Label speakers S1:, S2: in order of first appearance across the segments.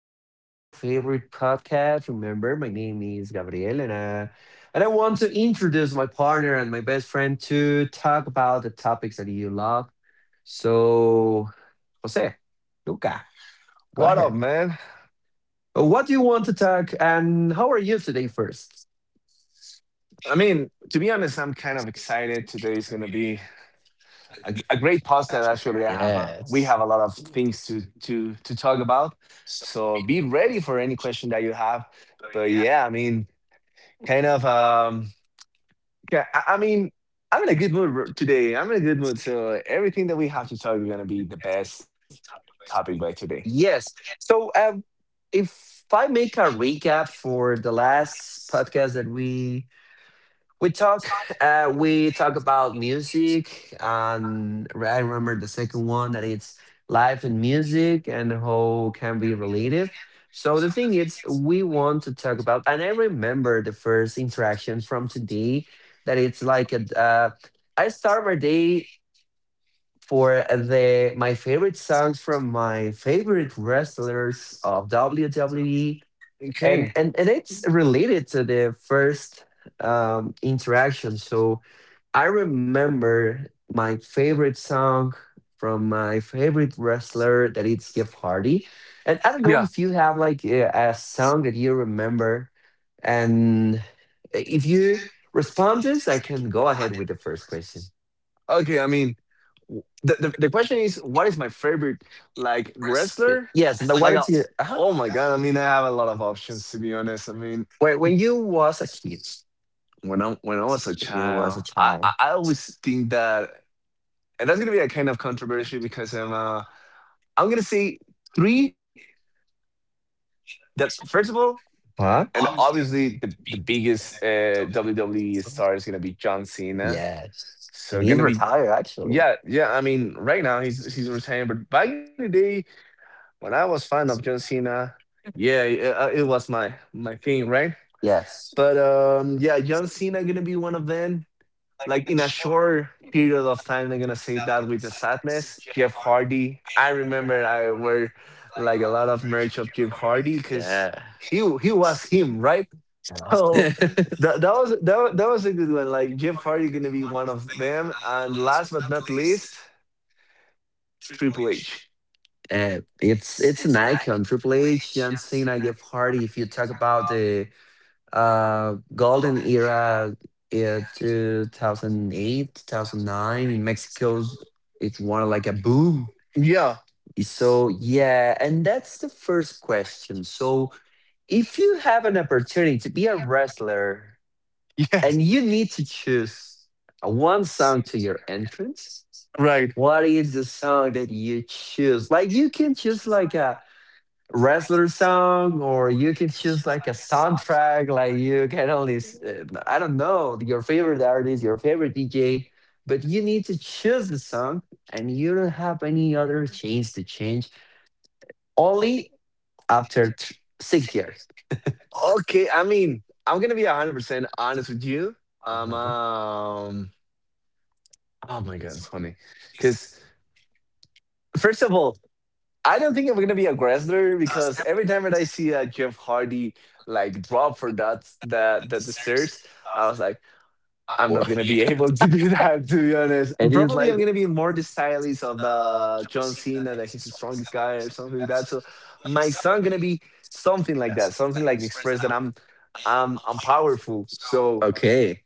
S1: to your favorite podcast. Remember, my name is Gabriel, and I want to introduce my partner and my best friend to talk about the topics that you love. So, Jose, Luca, go
S2: Well,
S1: ahead.
S2: I
S1: What do you want to talk, and how are you today first?
S2: to be honest, I'm kind of excited. Today is going to be a great podcast. Actually, we
S1: Yes.
S2: have a lot of things to talk about. So be ready for any question that you have. But yeah, I mean, kind of. Yeah, I mean, I'm in a good mood today. I'm in a good mood. So everything that we have to talk is going to be the best topic by today.
S1: Yes. So, if I make a recap for the last podcast that we talk. We talk about music, and I remember the second one that it's life and music and how can be related. So the thing is, we want to talk about, and I remember the first interaction from today that it's like I start my day for the my favorite songs from my favorite wrestlers of WWE, and
S2: Okay.
S1: and and it's related to the first interaction. So I remember my favorite song from my favorite wrestler that it's Jeff Hardy. And I don't know if you have like a song that you remember. And if you respond this, I can go ahead with the first question.
S2: Okay, I mean, w the question is, what is my favorite, like, wrestler?
S1: Yes, and I
S2: Like,
S1: wanted
S2: uh
S1: to
S2: oh my god, I mean, I have a lot of options, to be honest. I mean,
S1: when you was a kid,
S2: when I was a
S1: when you was
S2: child,
S1: a
S2: I
S1: child.
S2: I I always think that and that's gonna be a kind of controversial because I'm gonna say 3 that, first of all,
S1: Huh?
S2: and obviously the biggest, WWE star is gonna be John Cena.
S1: Yes. And
S2: So
S1: he's
S2: gonna be
S1: retired actually.
S2: yeah, yeah, I mean, right now he's retired, but back in the day when I was fan of John Cena, yeah, it was my thing, right?
S1: Yes.
S2: But yeah, John Cena gonna be one of them. Like in a short period of time, they're gonna say that with the sadness. Jeff Hardy, I remember I wore like a lot of merch of Jeff Hardy because he was him, right? So
S1: Yeah.
S2: that was a good one. Like Jeff Hardy gonna be one of them, and last but not least, Triple H.
S1: It's an icon. Triple H, and Cena, Jeff Hardy. If you talk about the golden era, 2008, 2009 in Mexico's, it's more like a boom.
S2: Yeah.
S1: So yeah, and that's the first question. So if you have an opportunity to be a wrestler
S2: Yes.
S1: and you need to choose a one song to your entrance,
S2: Right.
S1: what is the song that you choose? Like you can choose like a wrestler song or you can choose like a soundtrack. Like you can only I don't know, your favorite artist, your favorite DJ, but you need to choose the song, and you don't have any other change to change only after six years.
S2: Okay, I mean, I'm gonna be 100% honest with you. Um,
S1: Uh-huh.
S2: um, oh my god, it's funny. Because first of all, I don't think I'm gonna be a wrestler because every time that I see a Jeff Hardy like drop for that that that the stairs, I was like, I'm not
S1: Wha-
S2: gonna be able to do that. To be honest,
S1: and it's
S2: probably
S1: like
S2: I'm gonna be more the stylist of the John Cena that he's the strongest guy or something like that. So my son gonna be something like that, something like express that I'm powerful. So
S1: okay.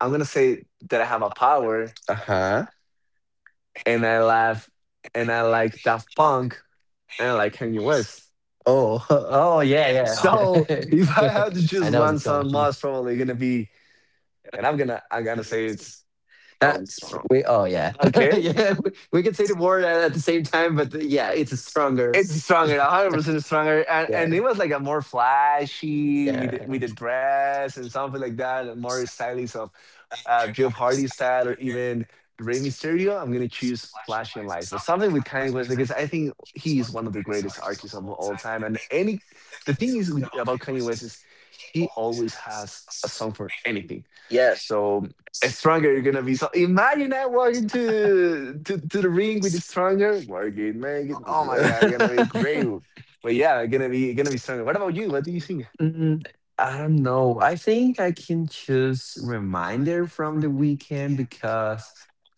S2: I'm gonna say that I have a power. Uh-huh.
S1: Uh-huh.
S2: And I laugh and I like Daft Punk and I like Kanye West.
S1: Oh, oh yeah, yeah.
S2: So if I had to
S1: I
S2: choose
S1: know the
S2: one
S1: song.
S2: song, most probably gonna be, and I'm gonna say it's probably
S1: That's
S2: strong.
S1: we. Oh yeah,
S2: Okay,
S1: yeah. We can say the word at the same time, but yeah, it's stronger.
S2: it's Stronger, 100% Stronger, and
S1: Yeah,
S2: it was like a more flashy
S1: yeah,
S2: with the dress and something like that, and more stylish of Jeff Hardy style or even Rey Mysterio. I'm gonna choose flashy and lights, but something with Kanye West because I think he is one of the greatest artists of all time. And any The thing is with, about Kanye West is he always has a song for anything. Yeah.
S1: yes.
S2: So Stronger, you're gonna be so. Imagine that walking to the ring with the Stronger, working, make it.
S1: Oh,
S2: Oh my god, you're gonna be
S1: yeah.
S2: great. But yeah, gonna be Stronger. What about you? What do you think?
S1: Mm, I don't know. I think I can choose Reminder from The weekend because,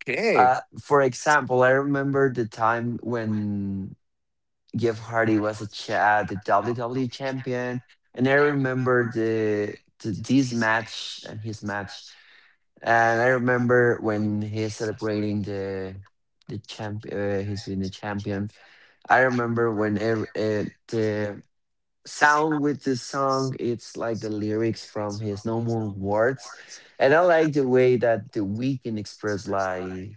S2: Okay,
S1: for example, I remember the time when Jeff Hardy was a chat, the WWE champion, and I remember the this match and his match. And I remember when he's celebrating the champ, he's winning the champion. I remember when the sound with this song. It's like the lyrics from his No More Words. And I like the way that The Weeknd express, like,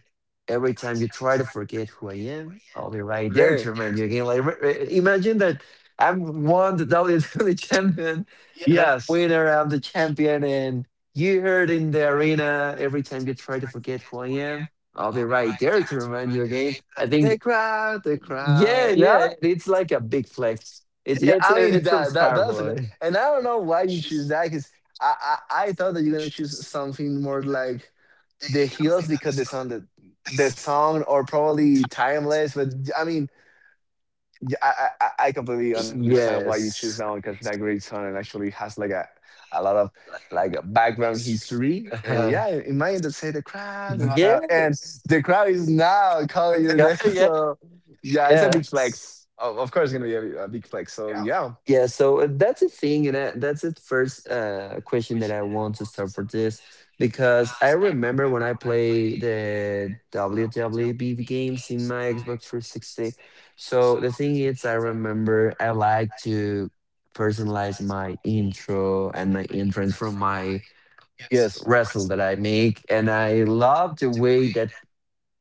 S1: every time you try to forget who I am, I'll be right
S2: okay.
S1: there to remind you again. Like imagine that I'm one the WWE champion, and I'm the
S2: Yes,
S1: winner, I'm the champion, and you heard in the arena, every time you try to forget who I am, I'll be right there to remind you again. I think
S2: the
S1: yeah,
S2: crowd.
S1: yeah.
S2: Yeah,
S1: It's like a big flex. It's
S2: yeah.
S1: it's uh,
S2: I mean
S1: it's from
S2: that's a,
S1: Starboy.
S2: and I don't know why you choose that because I, I I thought that you're gonna choose something more like the heels because the song or probably timeless. But I mean yeah, I completely understand why you choose that one
S1: Yes.
S2: because that great son and actually has like a lot of like a background history. And
S1: Uh-huh.
S2: yeah, in my end, they say the crowd, and
S1: Yes.
S2: the crowd is now calling your
S1: Yeah,
S2: name.
S1: yeah,
S2: So yeah, it's a
S1: yeah.
S2: big flex. Of course, it's gonna be a big flex. So yeah,
S1: Yeah, so that's the thing, and I, that's the first question that I want to start for this, because I remember when I play the WWE games in my Xbox 360. So the thing is, I remember I like to personalize my intro and my entrance from my
S2: yes.
S1: wrestle that I make. And I love the way that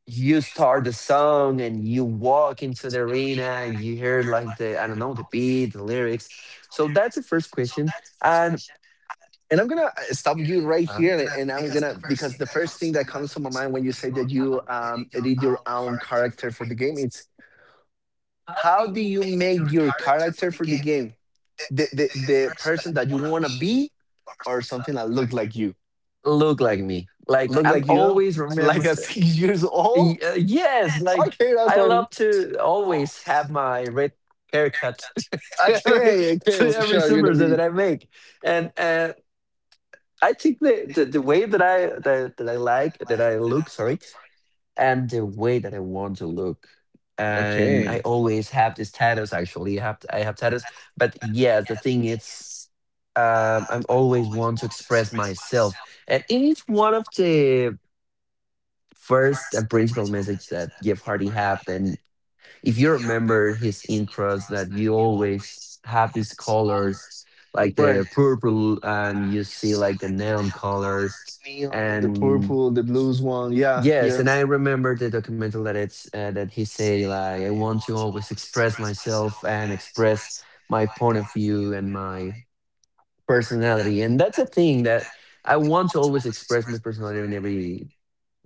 S1: you start the song and you walk into the arena and you hear like the, I don't know, the beat, the lyrics. So that's the first question. And
S2: And I'm gonna stop you right here, and,
S1: huh,
S2: I'm gonna because the first thing that comes to my mind when you say that you edit your own character for the game, it's how do you make your character for the game? The person that you want to be or something that look like you,
S1: look like me. Like
S2: look
S1: I'm
S2: like you
S1: always remember.
S2: like a 6 years old.
S1: Yes, like
S2: Okay, that's
S1: I
S2: funny.
S1: love to always have my red haircut to every
S2: Okay,
S1: to
S2: okay,
S1: every
S2: sure, you're
S1: super
S2: gonna
S1: set
S2: be
S1: that I make. And I think the way that that I like that I look, sorry, and the way that I want to look. And I
S2: okay.
S1: always have this tattoos. Actually, I have tattoos. But yeah, the thing is, I'm always want to express myself, and it is one of the first and principal message that Jeff Hardy had. And if you remember his intros, that you always have these colors like
S2: But
S1: the purple, and you
S2: you
S1: see
S2: see
S1: like the
S2: like the
S1: neon
S2: nail
S1: colors,
S2: colors, neon, the
S1: and.
S2: purple, the blues one, yeah,
S1: Yes, and I
S2: yes,
S1: remember the documental that it's that he say like I want to always express myself and express my point of view and my personality, and that's a thing that I want to always express my personality in every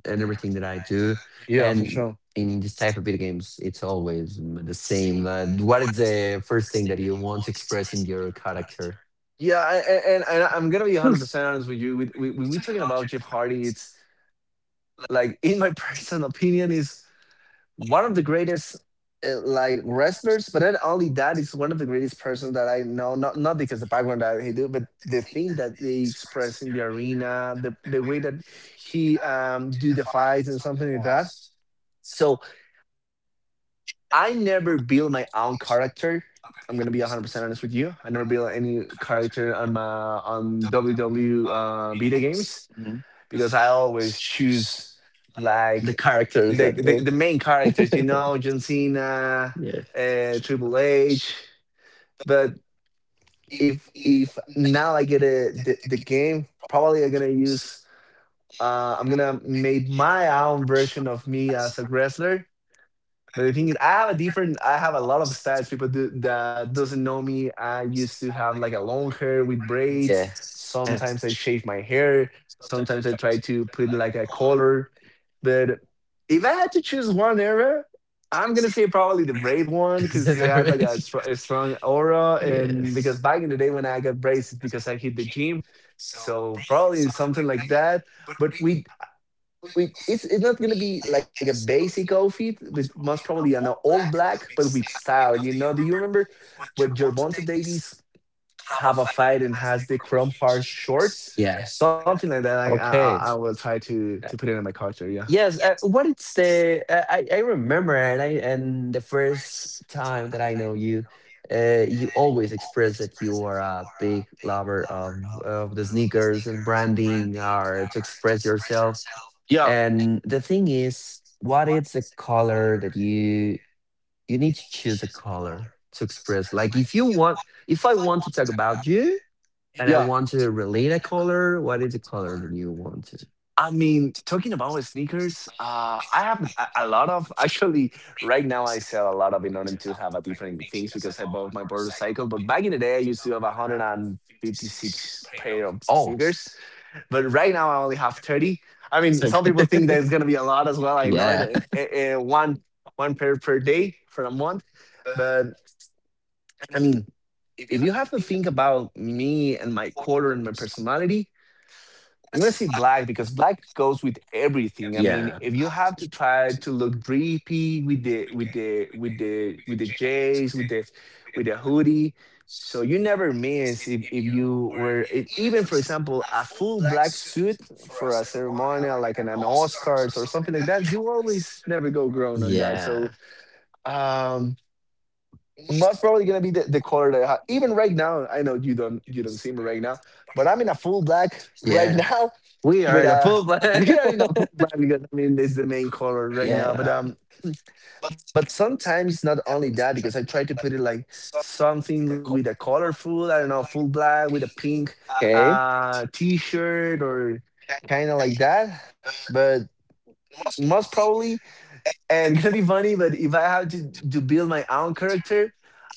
S1: and everything that I do,
S2: yeah. Yeah, for
S1: and
S2: sure,
S1: in this type of video games, it's always the same. Like, what is the first thing that you want to express in your character?
S2: yeah. And, I'm gonna be 100% honest with you. We talking about Jeff Hardy, it's like in my personal opinion is one of the greatest like wrestlers, but not only that, is one of the greatest persons that I know. Not because the background that he do, but the thing that they express in the arena, the way that he do the fights and something like that. So I never build my own character. I'm gonna be 100% honest with you. I never build any character on my on WW video games
S1: Mhm.
S2: because I always choose
S1: The
S2: like
S1: characters that they,
S2: the main characters, you know, John Cena,
S1: yeah,
S2: Triple H. But if now I get a, the game, probably I'm gonna use. I'm gonna make my own version of me as a wrestler. But the thing is, I have a different. I have a lot of styles. People do, that doesn't know me. I used to have like a long hair with braids.
S1: yes.
S2: Sometimes I shave my hair. Sometimes I try to put like a collar. But if I had to choose one era, I'm gonna say probably the braid one because it
S1: The
S2: had like a,
S1: rich.
S2: a strong aura. And because
S1: Yes.
S2: back in the day when I got braids, it's because I hit the gym. So probably something like that. But we it's not gonna be like a basic outfit, but most probably an all black, but with style. You know, do you remember when Gervonta Davies have a fight and has the Chrome Hearts shorts?
S1: Yeah.
S2: Yes. Something like that. I
S1: Okay.
S2: will try to
S1: Uh,
S2: put it in my culture. Yeah.
S1: Yes. What it's the I remember, and I and the first time that I know you, you always express that you are a big lover of the sneakers and branding or to express yourself.
S2: Yeah.
S1: And the thing is, what is the color that you need to choose? A color to express, like, if you want, if I want to talk about you and I
S2: Yeah.
S1: want to relate a color, what is the color that you want to?
S2: I mean, talking about sneakers, I have a lot of actually right now. I sell a lot of in order to have a different things because I bought my motorcycle. But back in the day, I used to have 156 pair of
S1: Oh,
S2: sneakers. But right now, I only have 30. I mean,
S1: so,
S2: some people think there's going to be a lot as well. I know it.
S1: yeah,
S2: One one pair per day for a month. But I mean, if you have to think about me and my quarter and my personality, I'm gonna say black because black goes with everything. I mean,
S1: yeah,
S2: if you have to try to look drippy with the with the with the with the J's, with the hoodie, so you never miss if you were even for example a full black suit for a ceremonial like an Oscars or something like that. You always never go grown on that.
S1: yeah,
S2: So um most probably gonna be the color that I have. Even right now, I know you don't see me right now, but I'm in a full black right
S1: yeah.
S2: now
S1: We
S2: with
S1: are the
S2: a
S1: full black.
S2: we are in a full black because I mean it's the main color right now. But
S1: Yeah.
S2: um but sometimes not only that because I try to put it like something with a colorful, I don't know, full black with a pink
S1: Okay.
S2: t-shirt or kinda like that. But most probably, and gonna be funny, but if I have to build my own character,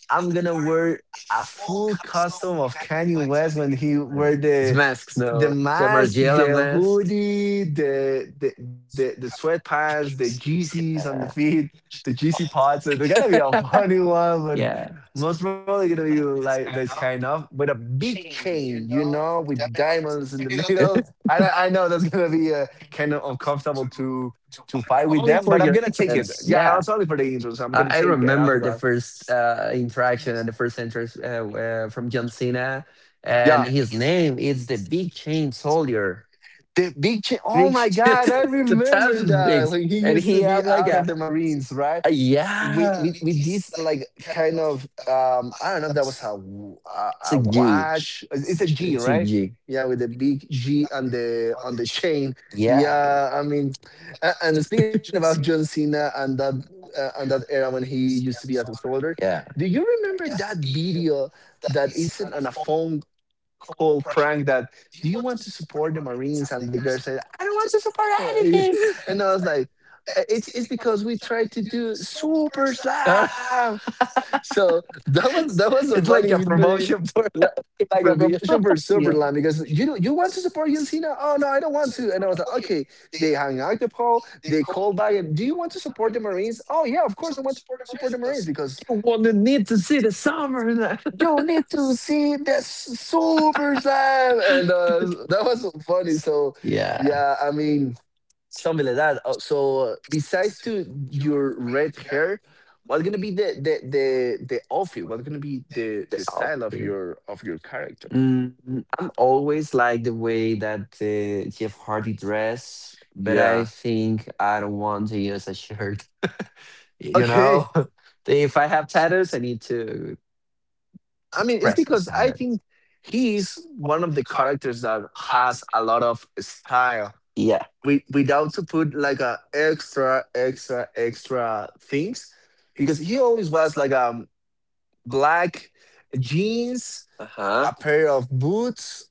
S2: I'm gonna wear a full costume of Kanye West when he wear
S1: It's masks
S2: the
S1: now. The
S2: mask,
S1: Margiela
S2: the
S1: mask.
S2: hoodie, the sweatpants, the GCs on the
S1: Yeah.
S2: feet, the GC pods. So they're gonna be a funny one, but
S1: Yeah.
S2: most probably gonna be like this kind of with a big chain, you know, with diamonds in the middle. I know that's gonna be kind of uncomfortable to fight with
S1: Only
S2: them,
S1: for
S2: but I'm
S1: your
S2: gonna take it.
S1: entrance.
S2: Yeah, I'm
S1: Yeah.
S2: sorry for the intro, so I'm gonna
S1: I
S2: take it after
S1: remember the
S2: that.
S1: first interaction and the first entrance from John Cena, and
S2: Yeah.
S1: his name is the Big Chain Soldier.
S2: The big change. Oh
S1: Big
S2: my
S1: shit
S2: God, I
S1: to
S2: remember
S1: Tasman
S2: that.
S1: things.
S2: Like he
S1: And
S2: used
S1: he
S2: to be
S1: have like
S2: out of the Marines, right?
S1: a
S2: With
S1: yeah. It's
S2: this
S1: like
S2: like kind of I don't know if that was a
S1: it's
S2: a
S1: a gig.
S2: watch. It's a G,
S1: It's a
S2: right?
S1: gig.
S2: Yeah, with the big G on the chain.
S1: Yeah.
S2: Yeah, I mean, and speaking about John Cena and that era when he used to be as a soldier,
S1: Yeah.
S2: do you remember that video that isn't on a phone cool prank that do you want to support the Marines? And the girl said, "I don't want to support anything." And I was like, "It's because we tried to do Super
S1: It's
S2: Slam." So that was a funny
S1: like a
S2: injury.
S1: promotion for
S2: Li- Like a
S1: review.
S2: promotion for Super
S1: Yeah.
S2: Slam. Because you know, you want to support John Cena? Oh no, I don't want to. And I was like, okay. They hung out the poll. They called back and do you want to support the Marines? Oh yeah, of course I want to support the Marines because
S1: You want to need to see the summer then.
S2: you need to see the super slam, and that was so funny. So
S1: Yeah.
S2: yeah, I mean, something like that. So besides to your red hair, what's gonna be the outfit? What's gonna be the
S1: That's all,
S2: style of
S1: dude.
S2: your character?
S1: Mm, I'm always like the way that Jeff Hardy dress, but I
S2: Yeah,
S1: think I don't want to use a shirt. You
S2: okay.
S1: know, if I have tattoos, I need to
S2: I mean, it's
S1: express as
S2: because I
S1: tattoo.
S2: think he's one of the characters that has a lot of style.
S1: Yeah.
S2: We without to put like a extra things, because he always was like, black jeans,
S1: Uh huh.
S2: a pair of boots,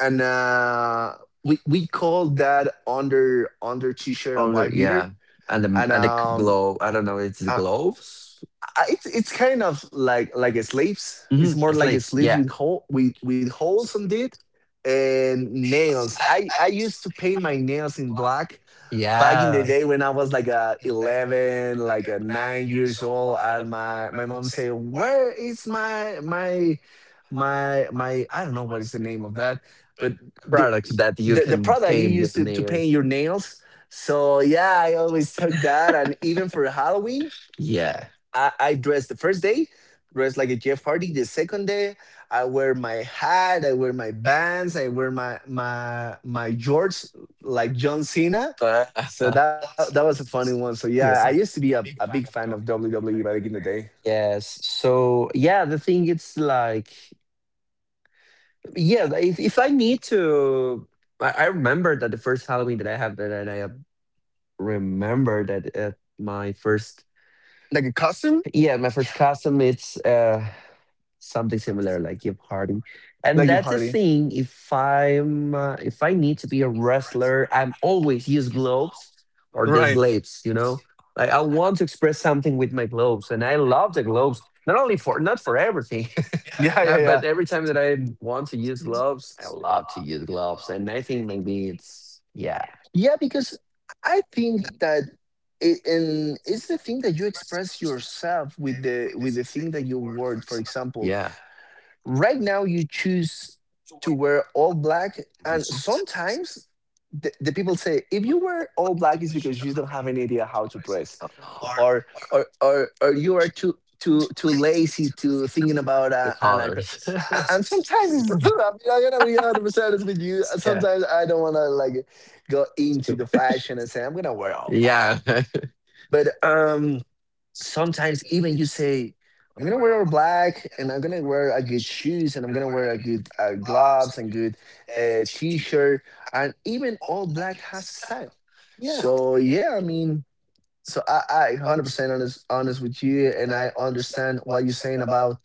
S2: and we call that under t-shirt a
S1: On the
S2: white beater.
S1: yeah,
S2: And
S1: and the glove. I don't know. It's
S2: uh,
S1: gloves.
S2: it's kind of like a sleeves.
S1: Mm-hmm.
S2: It's more like a
S1: Sleeves.
S2: sleeve
S1: Yeah.
S2: with hole with holes on it. And nails, I used to paint my nails in black back in the
S1: Yeah.
S2: day when I was like a 11, like a 9 years old. And my mom said, "Where is my? I don't know what is the name of that, but the
S1: Products that you
S2: the
S1: can
S2: product you
S1: paint your
S2: used to paint
S1: nails.
S2: your nails." So yeah, I always took that. And even for Halloween,
S1: Yeah.
S2: I dressed the first day. Dressed like a Jeff Hardy. The second day, I wear my hat, I wear my bands, I wear my jorts like John Cena.
S1: But uh,
S2: So that was a funny one. So
S1: yes.
S2: yeah, I used to be a big fan of WWE back in the day.
S1: Yes. So yeah, the thing it's like yeah, if I need to I remember that the first Halloween that I have that and I remember that at my first
S2: Like a costume?
S1: yeah, my first custom, it's something similar like Kip Hardy, and
S2: Like a
S1: that's the
S2: party.
S1: thing. If I'm if I need to be a wrestler, I'm always use gloves or the
S2: Right.
S1: slaves. You know, like I want to express something with my gloves, and I love the gloves. Not only for, not for everything,
S2: Yeah, yeah, yeah.
S1: but every time that I want to use gloves, I love to use gloves, and I think maybe it's yeah,
S2: Yeah, because I think that it, and it's the thing that you express yourself with the thing that you wore. For example,
S1: yeah,
S2: right now you choose to wear all black. And
S1: it's-
S2: sometimes the people say if you wear all black, it's because you don't have any idea how to dress,
S1: or
S2: or you are too lazy to thinking about
S1: the
S2: an
S1: colors.
S2: and sometimes it's true. I mean, I'm gonna be 100% honest with you.
S1: Yeah.
S2: Sometimes I don't wanna like go into the fashion and say I'm gonna wear all black. Yeah.
S1: Yeah,
S2: But sometimes even you say I'm gonna wear all black, and I'm gonna wear a good shoes, and I'm gonna wear a good gloves, and good t-shirt, and even all black has style.
S1: yeah. So,
S2: So yeah, I mean, so I 100% honest with you, and I understand what you're saying about,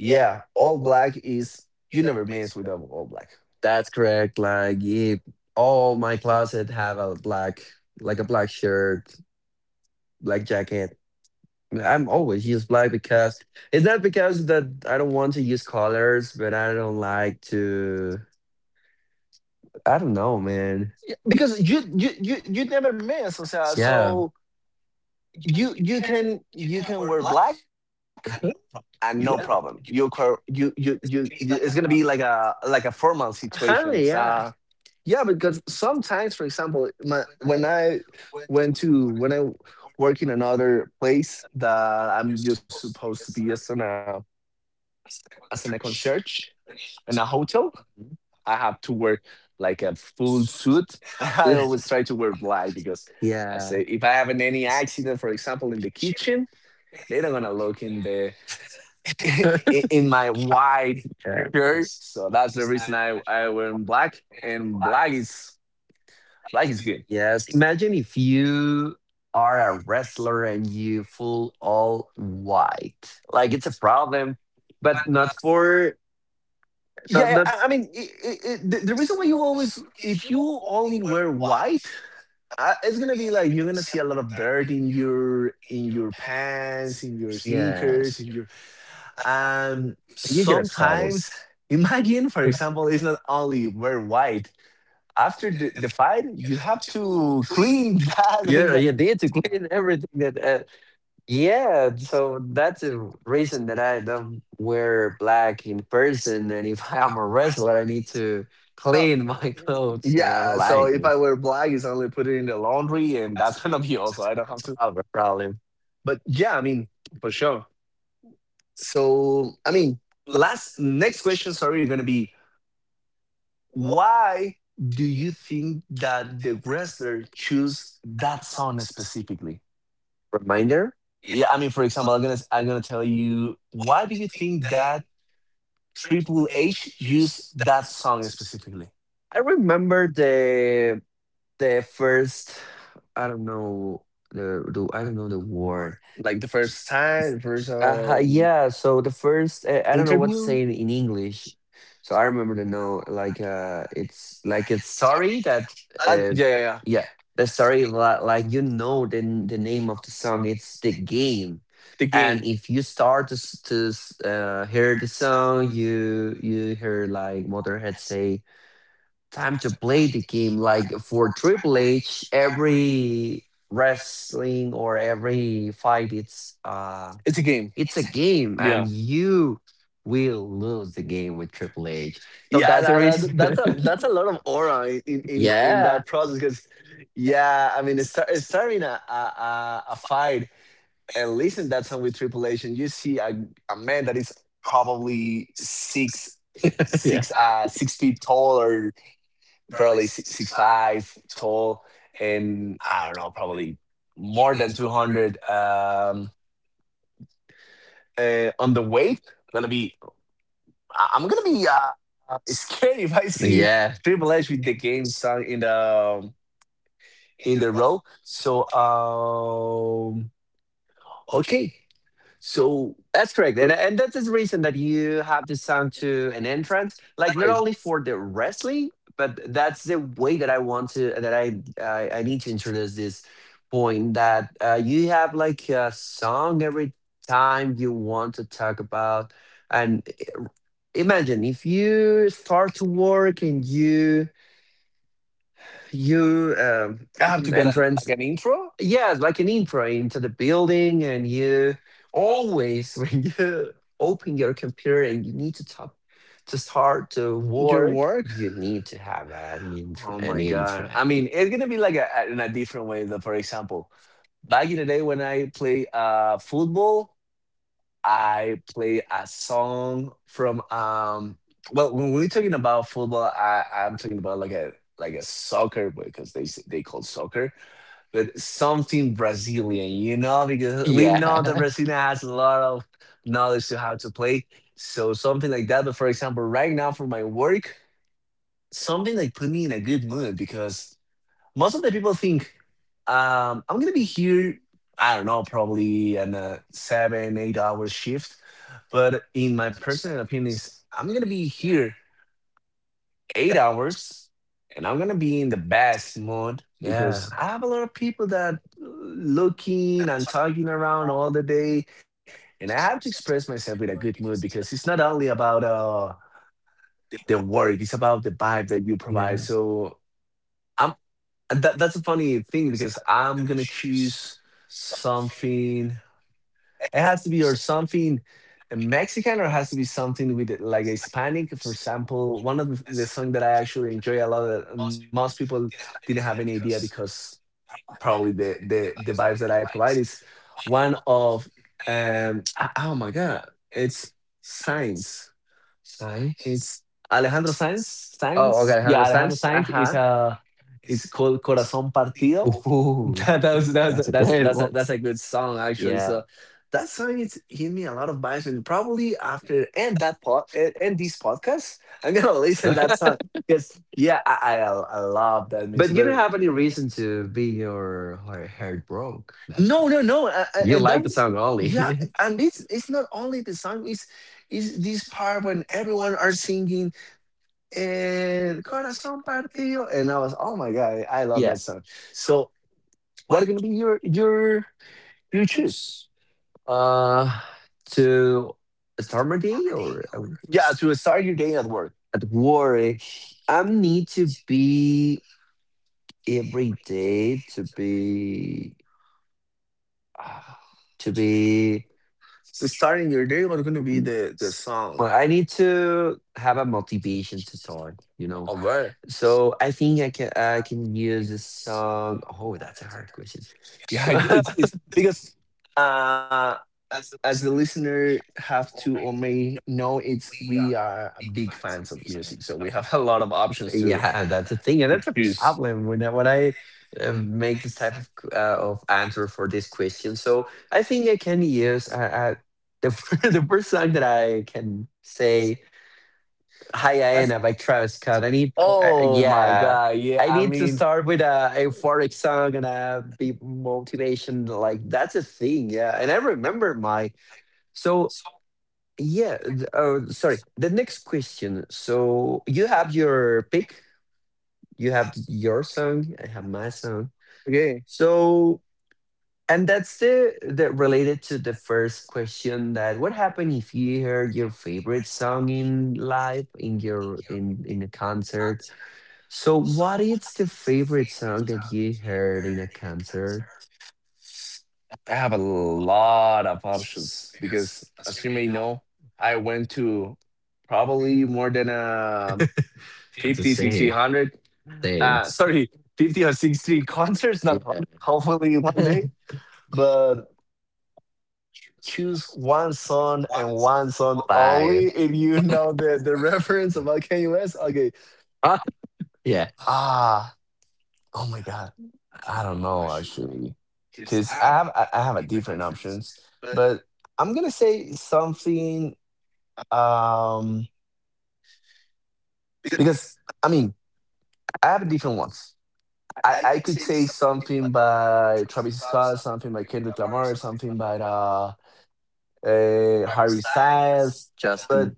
S2: yeah, all black is you never miss with all black.
S1: that's correct. Like, if all my closet have a black, like a black shirt, black jacket. I'm always use black because it's not because that I don't want to use colors, but I don't like to. I don't know, man.
S2: Yeah, because you never miss. O sea,
S1: Yeah,
S2: so you can you can wear black and no problem.
S1: you yeah,
S2: You it's gonna be like a formal situation.
S1: uh-huh,
S2: So
S1: yeah,
S2: yeah, because sometimes, for example, my, when I went to when I work in another place that I'm just supposed to be as an as in a concierge in a hotel, I have to wear like a full suit. I always try to wear black because I
S1: yeah,
S2: say if I have any accident, for example, in the kitchen, they are not gonna look in the i- in my white
S1: yeah.
S2: shirt. So that's the reason I wear black, and black is good.
S1: Yes. Imagine if you are a wrestler and you full all white. Like, it's a problem, but not for, not
S2: Yeah,
S1: not
S2: I mean, I the reason why you always, if you only wear white, I, it's gonna be like you're gonna see a lot of dirt in your pants, in your
S1: yeah.
S2: sneakers, in your um.
S1: You get a
S2: Sometimes
S1: troubles.
S2: imagine, for example, it's not only wear white. After the fight, you have to clean that and
S1: Yeah,
S2: that.
S1: you need to clean everything that yeah. So that's a reason that I don't wear black in person. And if I'm a wrestler, I need to clean my clothes, and I don't
S2: Yeah. So
S1: like
S2: if I
S1: this.
S2: wear black, it's only put it in the laundry, and that's gonna be also. I don't have to.
S1: I have a problem.
S2: But yeah, I mean, for sure. So I mean, last next question. Sorry, you're gonna be, why do you think that the wrestler choose that song specifically?
S1: Reminder.
S2: Yeah, I mean, for example, I'm gonna tell you, why do you think that Triple H used that song specifically?
S1: I remember the first, I don't know the I don't know the word.
S2: Like the first time, the first
S1: Yeah, so the first, I don't know what's
S2: interview.
S1: saying in English. So I remember the know like it's like it's story that, uh,
S2: Yeah, yeah, yeah.
S1: yeah, the story like, you know, the name of the song. It's The Game,
S2: The game.
S1: and if you start to hear the song, you hear like Motorhead say, time to play the game. Like for Triple H, every wrestling or every fight,
S2: It's a game.
S1: it's a game, and
S2: Yeah,
S1: you will lose the game with Triple H. So
S2: yeah.
S1: that's the
S2: That, that's
S1: reason.
S2: that's a that's a lot of aura in in
S1: Yeah,
S2: that process, because yeah, I mean, it's, it's starting a fight, and listen that song with tripulation, you see a man that is probably
S1: yeah,
S2: 6 feet tall, or probably 6'5" tall. And I don't know, probably more than 200 on the weight, gonna be I'm gonna be scared if I see
S1: yeah.
S2: Triple H with the game song um, in the row. So okay, so
S1: That's correct. And that's the reason that you have to sound to an entrance, like not
S2: right.
S1: only for the wrestling, but that's the way that I want to, that I need to introduce this point that you have like a song every time you want to talk about. And imagine if you start to work and you
S2: I have to get a,
S1: entrance
S2: like an intro.
S1: yeah, it's like an intro into the building, and you always when you open your computer and you need to talk to start to
S2: Your
S1: work,
S2: work.
S1: you need to have an intro,
S2: Oh
S1: an
S2: my
S1: intro.
S2: god. I mean, it's gonna be like in a different way. That, for example, back in the day when I play football, I play a song from. Well, when we're talking about football, I'm talking about like a soccer because they call soccer. But something Brazilian, you know, because we know
S1: Yeah,
S2: that Brazil has a lot of knowledge to how to play. So something like that. But for example, right now for my work, something like put me in a good mood, because most of the people think, I'm gonna be here, I don't know, probably in a seven, 8 hour shift. But in my personal opinion, is I'm gonna be here 8 hours, and I'm gonna be in the best mood
S1: yeah,
S2: because I have a lot of people that looking and talking around all the day. And I have to express myself with a good mood, because it's not only about the work, it's about the vibe that you provide.
S1: yeah.
S2: So I'm, and that, that's a funny thing, because I'm gonna choose something, it has to be or something Mexican, or it has to be something with it, like Hispanic. For example, one of the song that I actually enjoy a lot, that most people didn't have any idea, because probably the vibes that I provide is one of oh my god, it's signs.
S1: Science.
S2: It's Alejandro Sanz.
S1: Oh,
S2: Sanz.
S1: okay,
S2: Yeah, Alejandro
S1: understands. Uh
S2: Sanz is
S1: huh.
S2: a. It's called Corazón Partido.
S1: Ooh,
S2: That, that was,
S1: that's a great one.
S2: that's a good song actually.
S1: Yeah,
S2: So that song it's hit me a lot of vibes, and probably after and this podcast, I'm gonna listen that song, because yeah, I love that music.
S1: but you don't
S2: But
S1: have any reason to be your heart broke. No.
S2: no, no, no,
S1: You
S2: and
S1: like the
S2: that's
S1: song
S2: yeah,
S1: only.
S2: and it's not only the song. It's is this part when everyone are singing, eh, El corazón partido, and I was, oh my god, I love that
S1: Yes.
S2: song. So, what are gonna be your choose?
S1: Uh, to Stormady or
S2: Yeah,
S1: who's
S2: to start your day at work.
S1: at work, I need to be every day to be uh, to be.
S2: So, starting your day, what gonna be
S1: Mm,
S2: the
S1: s-
S2: song?
S1: Well, I need to have a motivation to start. You know,
S2: Okay.
S1: so I think I can use a song. Oh, that's a hard question.
S2: Yeah, it's because uh, as the listener have to or may know, it's we are big fans of music, so we have a lot of options
S1: Yeah, that's a thing, and
S2: to
S1: that's a
S2: choose.
S1: problem when I make this type of of answer for this question. So I think I can use the the first time that I can say "Hi, Iana" by Travis Scott. I need,
S2: Oh my
S1: yeah,
S2: god, yeah.
S1: I
S2: I
S1: need to
S2: mean,
S1: start with a euphoric song and a big motivation. Like that's a thing, yeah. And I remember my so. Yeah, sorry. The next question. So you have your pick, you have your song, I have my song.
S2: okay.
S1: So, and that's the related to the first question, that what happened if you heard your favorite song in live in your in a concert. So what is the favorite song that you heard in a concert?
S2: I have a lot of options because, as you may know, I went to probably more than
S1: That's the
S2: 50,
S1: same.
S2: 60, 100. Uh,
S1: Thanks.
S2: sorry, 50 or 60 concerts, not
S1: Yeah.
S2: 100, hopefully one day. But only choose one song and one song only.
S1: Bye.
S2: If you know the reference about Kanye West, okay.
S1: Huh? Yeah.
S2: Ah, oh my god. I don't know actually, because I have I have a different options, but I'm gonna say something, um, because I mean, I have different ones. I could say something by Travis Scott, something by Kendrick Lamar, something by Harry Styles. But
S1: Justin.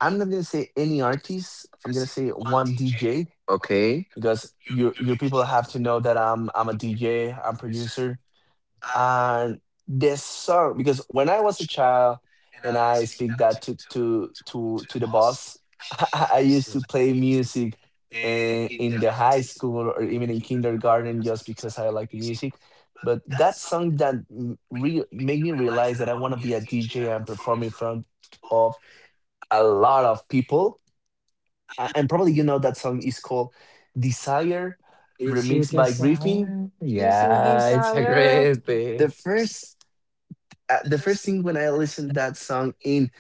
S2: I'm not gonna say any artist. I'm gonna say one DJ,
S1: Okay.
S2: because your people have to know that I'm a DJ, I'm producer. And this song, because when I was a child, and I speak that to the boss, I used to play music, eh, in the high school or even in kindergarten, just because I like the music. But that song that made me realize that I want to be a DJ and perform in front of a lot of people. And probably you know that song is called "Desire,"
S1: Is it
S2: remixed
S1: the
S2: by Griffin.
S1: song? Yeah, it's a great thing.
S2: The first the first thing when I listened that song in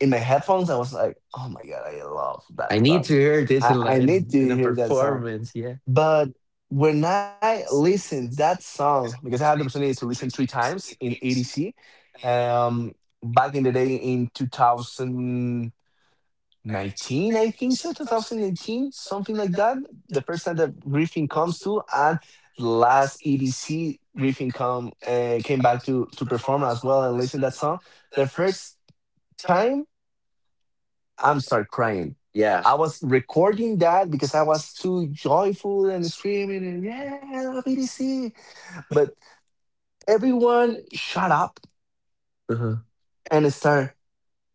S2: my headphones, I was like, "Oh my god, I love
S1: I
S2: that
S1: need
S2: song.
S1: to hear this
S2: I,
S1: in,
S2: I need to
S1: in a
S2: hear that song."
S1: performance. Yeah.
S2: But when I listened that song, because I had the opportunity to listen three times in ADC, um, back in the day in 2000. 19, I think so, 2019, something like that. The first time that briefing comes to, and the last EDC, briefing come came back to perform as well and listen to that song. The first time, I'm start crying.
S1: Yeah.
S2: I was recording that because I was too joyful and screaming and yeah, I love EDC. But everyone shut up
S1: Uh-huh.
S2: and start.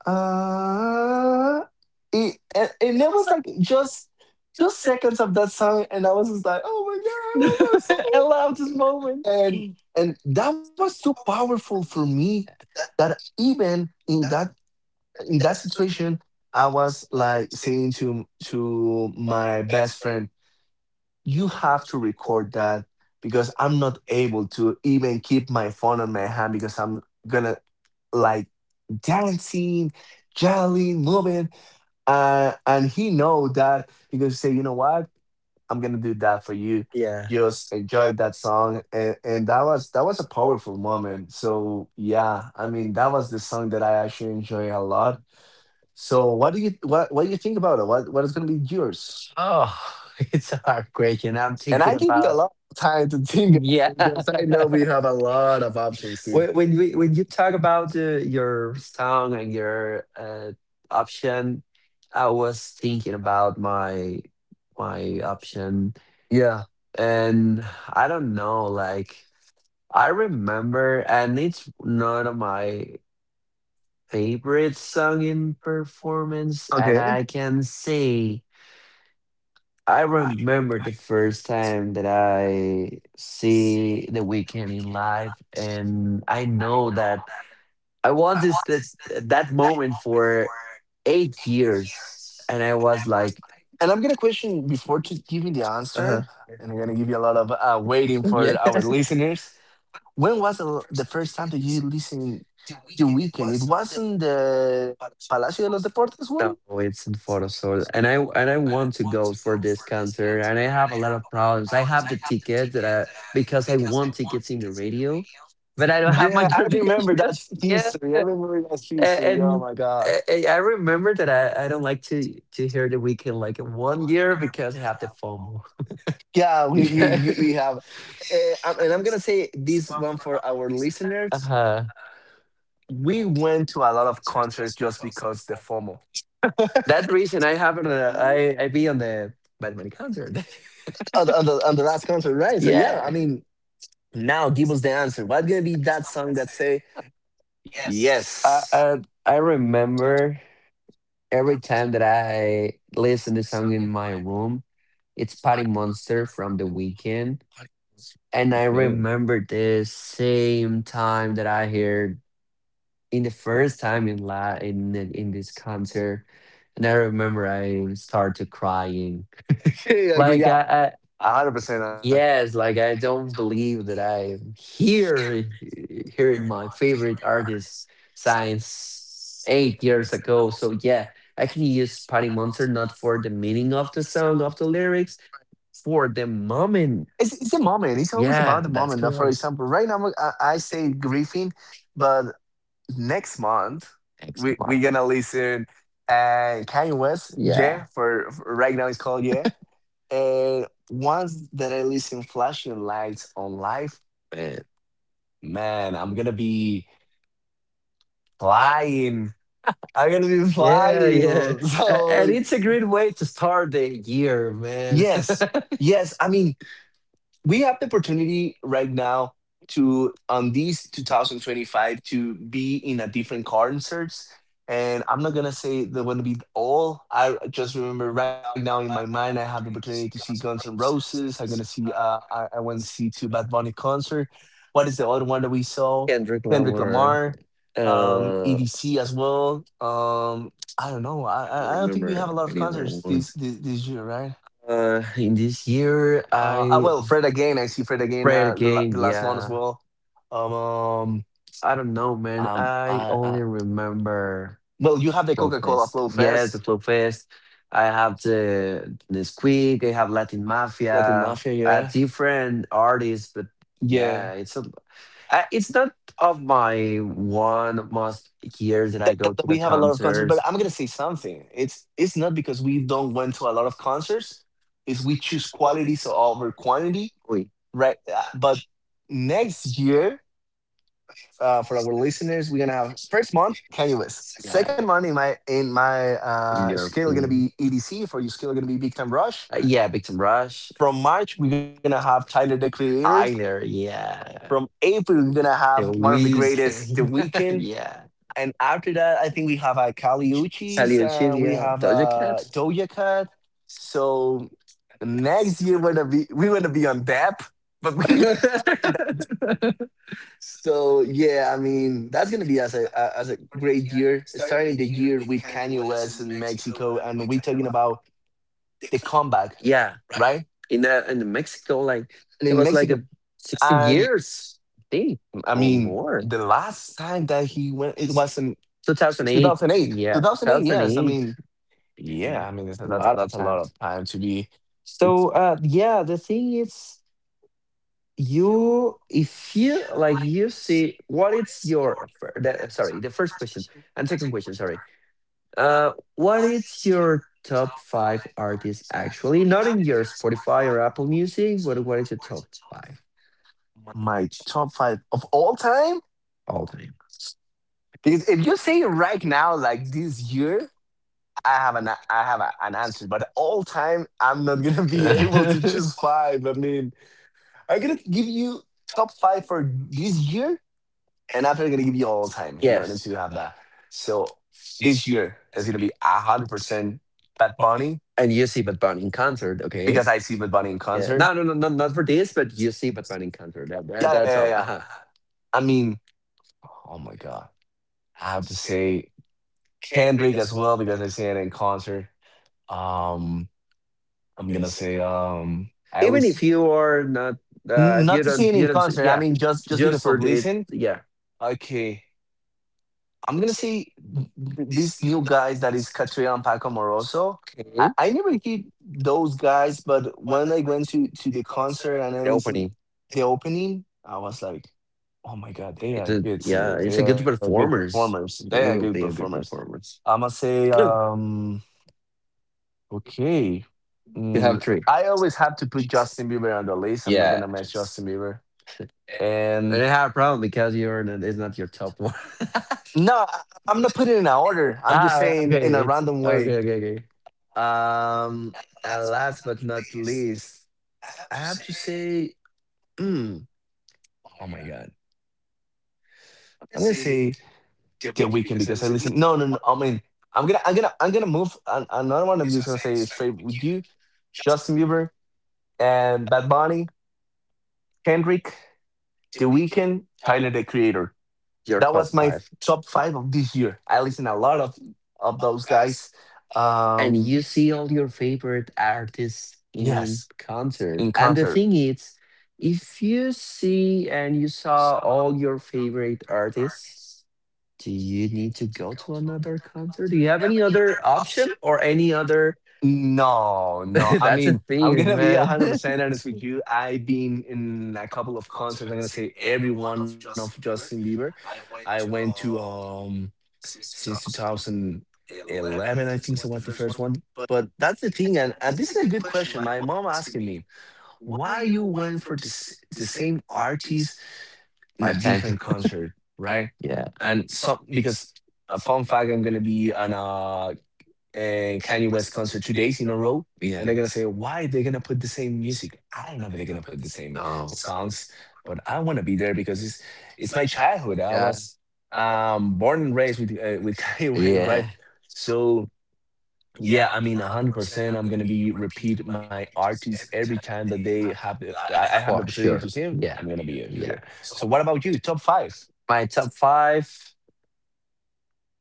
S2: uh and it was like just seconds of that song, and I was just like, oh my god, I love that
S1: I
S2: song.
S1: love this moment.
S2: And that was so powerful for me that even in that situation I was like saying to my best friend, you have to record that because I'm not able to even keep my phone on my hand because I'm gonna, like, dancing, jolly, moving. And he know that he could say, you know what, I'm gonna do that for you.
S1: Yeah.
S2: Just
S1: Just
S2: enjoy
S1: enjoy that
S2: that song,
S1: song
S2: and that was a powerful moment. So yeah, I mean that was the song that I actually enjoy a lot. So what do you what do you think about it? What is gonna be yours?
S1: Oh, it's a hard question. I'm
S2: And
S1: thinking
S2: I give you a
S1: about.
S2: lot of time to think about
S1: Yeah.
S2: it because I know we have a lot of options here.
S1: When we, when you talk about your song and your option, I was thinking about my my option,
S2: Yeah.
S1: and I don't know. Like I remember, and it's not on my favorite song in performance, and I
S2: Okay.
S1: can say I remember the first time that I see The Weeknd in live, and I know that I want this that that moment for 8 years, and I was like,
S2: And I'm gonna question before to give me the
S1: uh-huh.
S2: answer, and I'm gonna give you a lot of waiting
S1: Yeah.
S2: for our listeners. When was the first time that you listened The Weekend? It wasn't the Palacio de los Deportes one?
S1: No, it's in Photosol. And I want to go for this concert and I have a lot of problems. I have the tickets that I, because I want tickets in the radio, but I don't have my
S2: Yeah, I
S1: credentials.
S2: remember that
S1: Yeah.
S2: history. I remember that history. Oh
S1: And
S2: my god.
S1: I remember that I don't like to hear the weekend like in one year because I have the FOMO.
S2: Yeah, we we
S1: Yeah.
S2: we we have, and I'm gonna say this one for our listeners.
S1: Uh-huh.
S2: We went to a lot of concerts just because the FOMO
S1: That reason I haven't I be on the Bad Bunny concert.
S2: on the, on the last concert, right? So yeah, I
S1: Yeah.
S2: mean, now give us the answer. What's gonna be that song that say
S1: Yes.
S2: yes?
S1: I remember every time that I listen the song in my room, it's Party Monster from The Weeknd. And I
S2: Okay.
S1: remember the same time that I heard in the first time in in this concert, and I remember I started crying.
S2: Yeah, yeah,
S1: Like
S2: yeah.
S1: I,
S2: 100%.
S1: yes, like I don't believe that I am here hearing my favorite artist since 8 years ago. So yeah, I can use Patty Monster not for the meaning of the song of the lyrics, for the moment.
S2: It's the moment. It's always about
S1: Yeah,
S2: the
S1: that's
S2: moment. Now, for
S1: correct.
S2: example, right now I say Griffin, but next month
S1: X
S2: we
S1: mark.
S2: gonna listen Kanye West.
S1: Yeah,
S2: Yeah, for, right now it's called Yeah. And once that I listen flashing lights on life,
S1: man.
S2: man, I'm gonna be flying. I'm gonna be
S1: Yeah, yeah.
S2: flying.
S1: And
S2: So
S1: it's a great way to start the year, man.
S2: yes, yes. I mean, we have the opportunity right now to on these 2025 to be in a different concerts. And I'm not gonna say they're gonna be all. I just remember right now in my mind I have the opportunity to see Guns N' Roses. I'm gonna see I went to see two Bad Bunny concert. What
S1: What
S2: is
S1: is it?
S2: the
S1: What
S2: other one
S1: one
S2: that
S1: do we
S2: we
S1: saw?
S2: saw?
S1: Kendrick
S2: Kendrick
S1: Lamar.
S2: Lamar,
S1: Uh,
S2: EDC as well. I don't know. i
S1: I don't
S2: i I don't think we
S1: remember
S2: have a lot of
S1: any other
S2: concerts this
S1: ones.
S2: this year, right?
S1: In this year, I
S2: Well, Fred again. I see Fred again.
S1: played
S2: Uh, the, la-
S1: again.
S2: the last one as
S1: Yeah,
S2: well. Um, um,
S1: I don't know, man.
S2: um,
S1: I
S2: I,
S1: only
S2: I,
S1: remember
S2: well, you have the
S1: Flow
S2: Coca Cola
S1: Fest.
S2: Flow
S1: Yes, the
S2: Fest,
S1: Flow Fest. I have the Nesquik. I have Latin
S2: Latin
S1: Mafia.
S2: Mafia, yeah,
S1: Different artists, but
S2: yeah.
S1: yeah, it's a. It's not of my one most years that I go to
S2: That we
S1: the
S2: have a lot of concerts,
S1: concerts.
S2: but I'm gonna say something. It's not because we don't went to a lot of concerts. Is we choose quality so over quantity,
S1: Wait,
S2: right? But next year for our listeners, we're gonna have first month Kanye West.
S1: yeah,
S2: Second month in my
S1: in
S2: scale gonna
S1: European.
S2: be EDC. For your scale gonna be Big Time Rush.
S1: Yeah, Victim Rush.
S2: From March we're gonna have Tyler the Creator.
S1: Tyler, yeah.
S2: From April we're gonna
S1: The
S2: have one of the
S1: Wiz
S2: greatest, The
S1: came.
S2: Weeknd.
S1: Yeah.
S2: And after that, I think we have Kali
S1: Sally
S2: Uchis.
S1: and Chill,
S2: We
S1: yeah.
S2: have
S1: Doja Cat.
S2: Doja Cat. So next year we're gonna be on that, but we. So yeah, I mean that's gonna be as a great year, starting the year with Kanye West in Mexico, and we talking about the comeback,
S1: Yeah.
S2: right?
S1: In Mexico, like
S2: And
S1: it
S2: in
S1: was like
S2: Mexico,
S1: a sixteen
S2: and
S1: years, I think,
S2: I
S1: or
S2: mean the
S1: more.
S2: last time that he went, it was in
S1: 2008.
S2: 2008.
S1: Yeah. Two
S2: 2008,
S1: thousand
S2: yes. I
S1: eight.
S2: mean,
S1: Yeah.
S2: yeah. I mean
S1: A
S2: that's
S1: lot of
S2: a lot of
S1: times.
S2: time to be. It's
S1: So yeah, the thing is, you, if you like you see what is your the, sorry the first question and second question, sorry. What is your top five artists actually? Not in your Spotify or Apple Music, but what is your top five
S2: my top five of all time
S1: all time?
S2: because if you say right now, like this year. I have an an answer, but all time I'm not gonna be able to choose five. I mean, I'm gonna give you top five for this year, and after I'm gonna give you all time in order
S1: Yes.
S2: to have that. So this year is gonna be 100% Bad Bunny
S1: And you see Bad Bunny in concert, okay?
S2: because I see Bad Bunny in
S1: Yeah.
S2: concert.
S1: No, no, no, no, not for this, but you see Bad Bunny in concert. That,
S2: Yeah, yeah, yeah,
S1: that's
S2: yeah.
S1: all. Uh-huh.
S2: I mean, oh my god, I have to say Kendrick as well because I see it in concert. Um, I'm gonna say I
S1: Even
S2: was.
S1: if you are not,
S2: N-
S1: if
S2: Not
S1: you
S2: to see
S1: don't,
S2: it
S1: you
S2: in
S1: don't,
S2: concert. I
S1: yeah,
S2: mean, just
S1: just
S2: because
S1: for
S2: of
S1: the,
S2: listen.
S1: yeah.
S2: Okay, I'm gonna say these new guys that is Katria and Paco Moroso. I,
S1: Okay.
S2: I never hear those guys, but when I went to the concert and I
S1: The
S2: listened
S1: opening.
S2: the opening, I was like, oh my god, they
S1: It
S2: are
S1: is,
S2: good
S1: yeah,
S2: singers. They
S1: it's a
S2: are
S1: good
S2: good performers.
S1: performers.
S2: They are
S1: They
S2: good
S1: will be a
S2: performers.
S1: good performers.
S2: I'ma say,
S1: Good.
S2: okay.
S1: You have
S2: Mm,
S1: three.
S2: I always have to put Justin Bieber on the list. I'm not
S1: Yeah.
S2: gonna miss Justin Bieber
S1: And
S2: and.
S1: I have a problem because you're not, it's not your top one.
S2: No, I am not putting it in an order. I'm just
S1: Ah,
S2: saying in
S1: okay.
S2: a
S1: It's
S2: random
S1: okay,
S2: way.
S1: okay, okay.
S2: Um, and last but not least, I have to say, mm, oh my god, I'm gonna say The Weekend because I listen. No, no, no. I mean, I'm gonna move. Another one. I'm just gonna say it straight with you, Justin Bieber and Bad Bunny, Kendrick, The Weekend, Tyler the Creator.
S1: Your
S2: That
S1: top
S2: was my
S1: five.
S2: top five of this year. I listen a lot of those guys.
S1: And
S2: Um,
S1: you see all your favorite artists in
S2: Yes,
S1: concert.
S2: in
S1: And the
S2: concert.
S1: thing is, if you see and you saw all your favorite artists, do you need to go to another concert? Do you have any other option or any other.
S2: No, no. I
S1: That's a
S2: mean, I'm
S1: theme,
S2: gonna be
S1: man.
S2: 100% honest with you. I've been in a couple of concerts. I'm gonna say every one of Justin Bieber. I went to since 2011, I think so. What the first one? But that's the thing, and this is a good question. My mom asking me. Why you went for the same artist in
S1: Five
S2: a
S1: times as
S2: different
S1: much.
S2: concert, right?
S1: Yeah.
S2: And some because a fun fact, I'm gonna be on a Kanye West concert 2 days in a row,
S1: Yeah.
S2: and
S1: They're
S2: they're
S1: gonna
S2: gonna
S1: sing
S2: say
S1: all
S2: why they're gonna put
S1: the
S2: the
S1: same
S2: same
S1: music.
S2: music.
S1: I
S2: I
S1: don't
S2: don't
S1: know
S2: know
S1: if
S2: if
S1: they're
S2: they're
S1: gonna
S2: gonna put the
S1: they
S2: same
S1: oh songs.
S2: songs, but I want to be there because it's
S1: It's my
S2: my
S1: childhood.
S2: childhood. I
S1: Yeah.
S2: was born and raised with with Kanye West, right?
S1: Yeah.
S2: So.
S1: Yeah,
S2: Yeah,
S1: I
S2: I
S1: mean,
S2: mean,
S1: 100%.
S2: 100%.
S1: I'm
S2: I'm going
S1: gonna
S2: to
S1: be
S2: be
S1: repeating
S2: repeat
S1: my
S2: my
S1: emojis
S2: artists
S1: every
S2: every
S1: time
S2: time
S1: that
S2: that
S1: they
S2: they have
S1: happen.
S2: the
S1: I
S2: I
S1: have
S2: have the
S1: for
S2: opportunity to
S1: sure.
S2: see him. I'm
S1: Yeah.
S2: going to be here.
S1: Yeah.
S2: So what about you? Top five?
S1: My top five.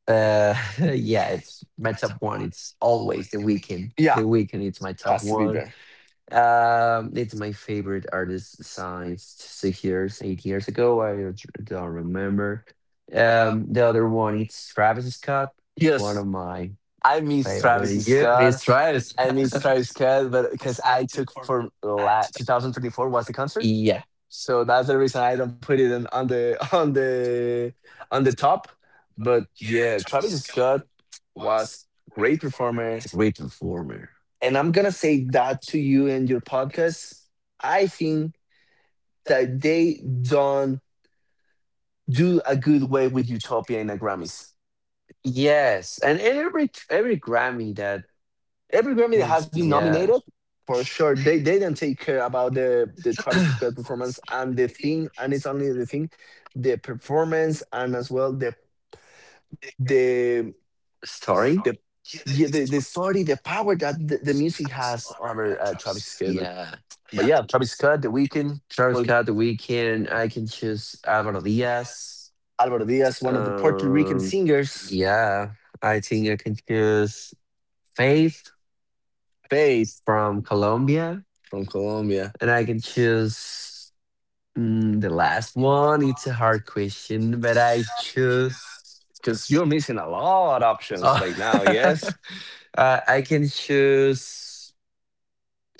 S1: Uh yeah, it's my top one. It's always the weekend.
S2: Yeah,
S1: The weekend it's my top
S2: has to be
S1: one.
S2: there.
S1: It's my favorite artist since 6 years, 8 years ago. I don't remember. The other one it's Travis Scott, one
S2: Yes,
S1: of my
S2: I miss Travis
S1: favorite. Yeah, it's
S2: Scott.
S1: Travis.
S2: I miss Travis Scott, but because I took for 2024 was the concert,
S1: Yeah,
S2: so that's the reason I don't put it in, on the on the top. But yeah, Travis Scott was great performer.
S1: it's a great performer.
S2: And I'm going to say that to you and your podcast. I think that they don't do a good way with Utopia in the Grammys.
S1: Yes, and every Grammy that
S2: Every Grammy that has been
S1: yeah
S2: nominated, for sure, they didn't take care about the Travis Scott performance and the thing, and it's only the thing, the performance and as well the the the
S1: story.
S2: yeah, the story, the power that the music has over Travis Scott.
S1: Yeah,
S2: But yeah, Travis Scott, The Weeknd,
S1: Travis
S2: well,
S1: Scott, The Weeknd. I can choose Alvaro Diaz.
S2: Alvaro Diaz, one of the Puerto Rican
S1: Um,
S2: singers,
S1: yeah, I think I can choose Faith
S2: Faith
S1: from Colombia,
S2: from Colombia.
S1: and I can choose the last one. It's a hard question, but I choose.
S2: Because you're missing a lot of options
S1: Oh,
S2: right now, yes?
S1: I can choose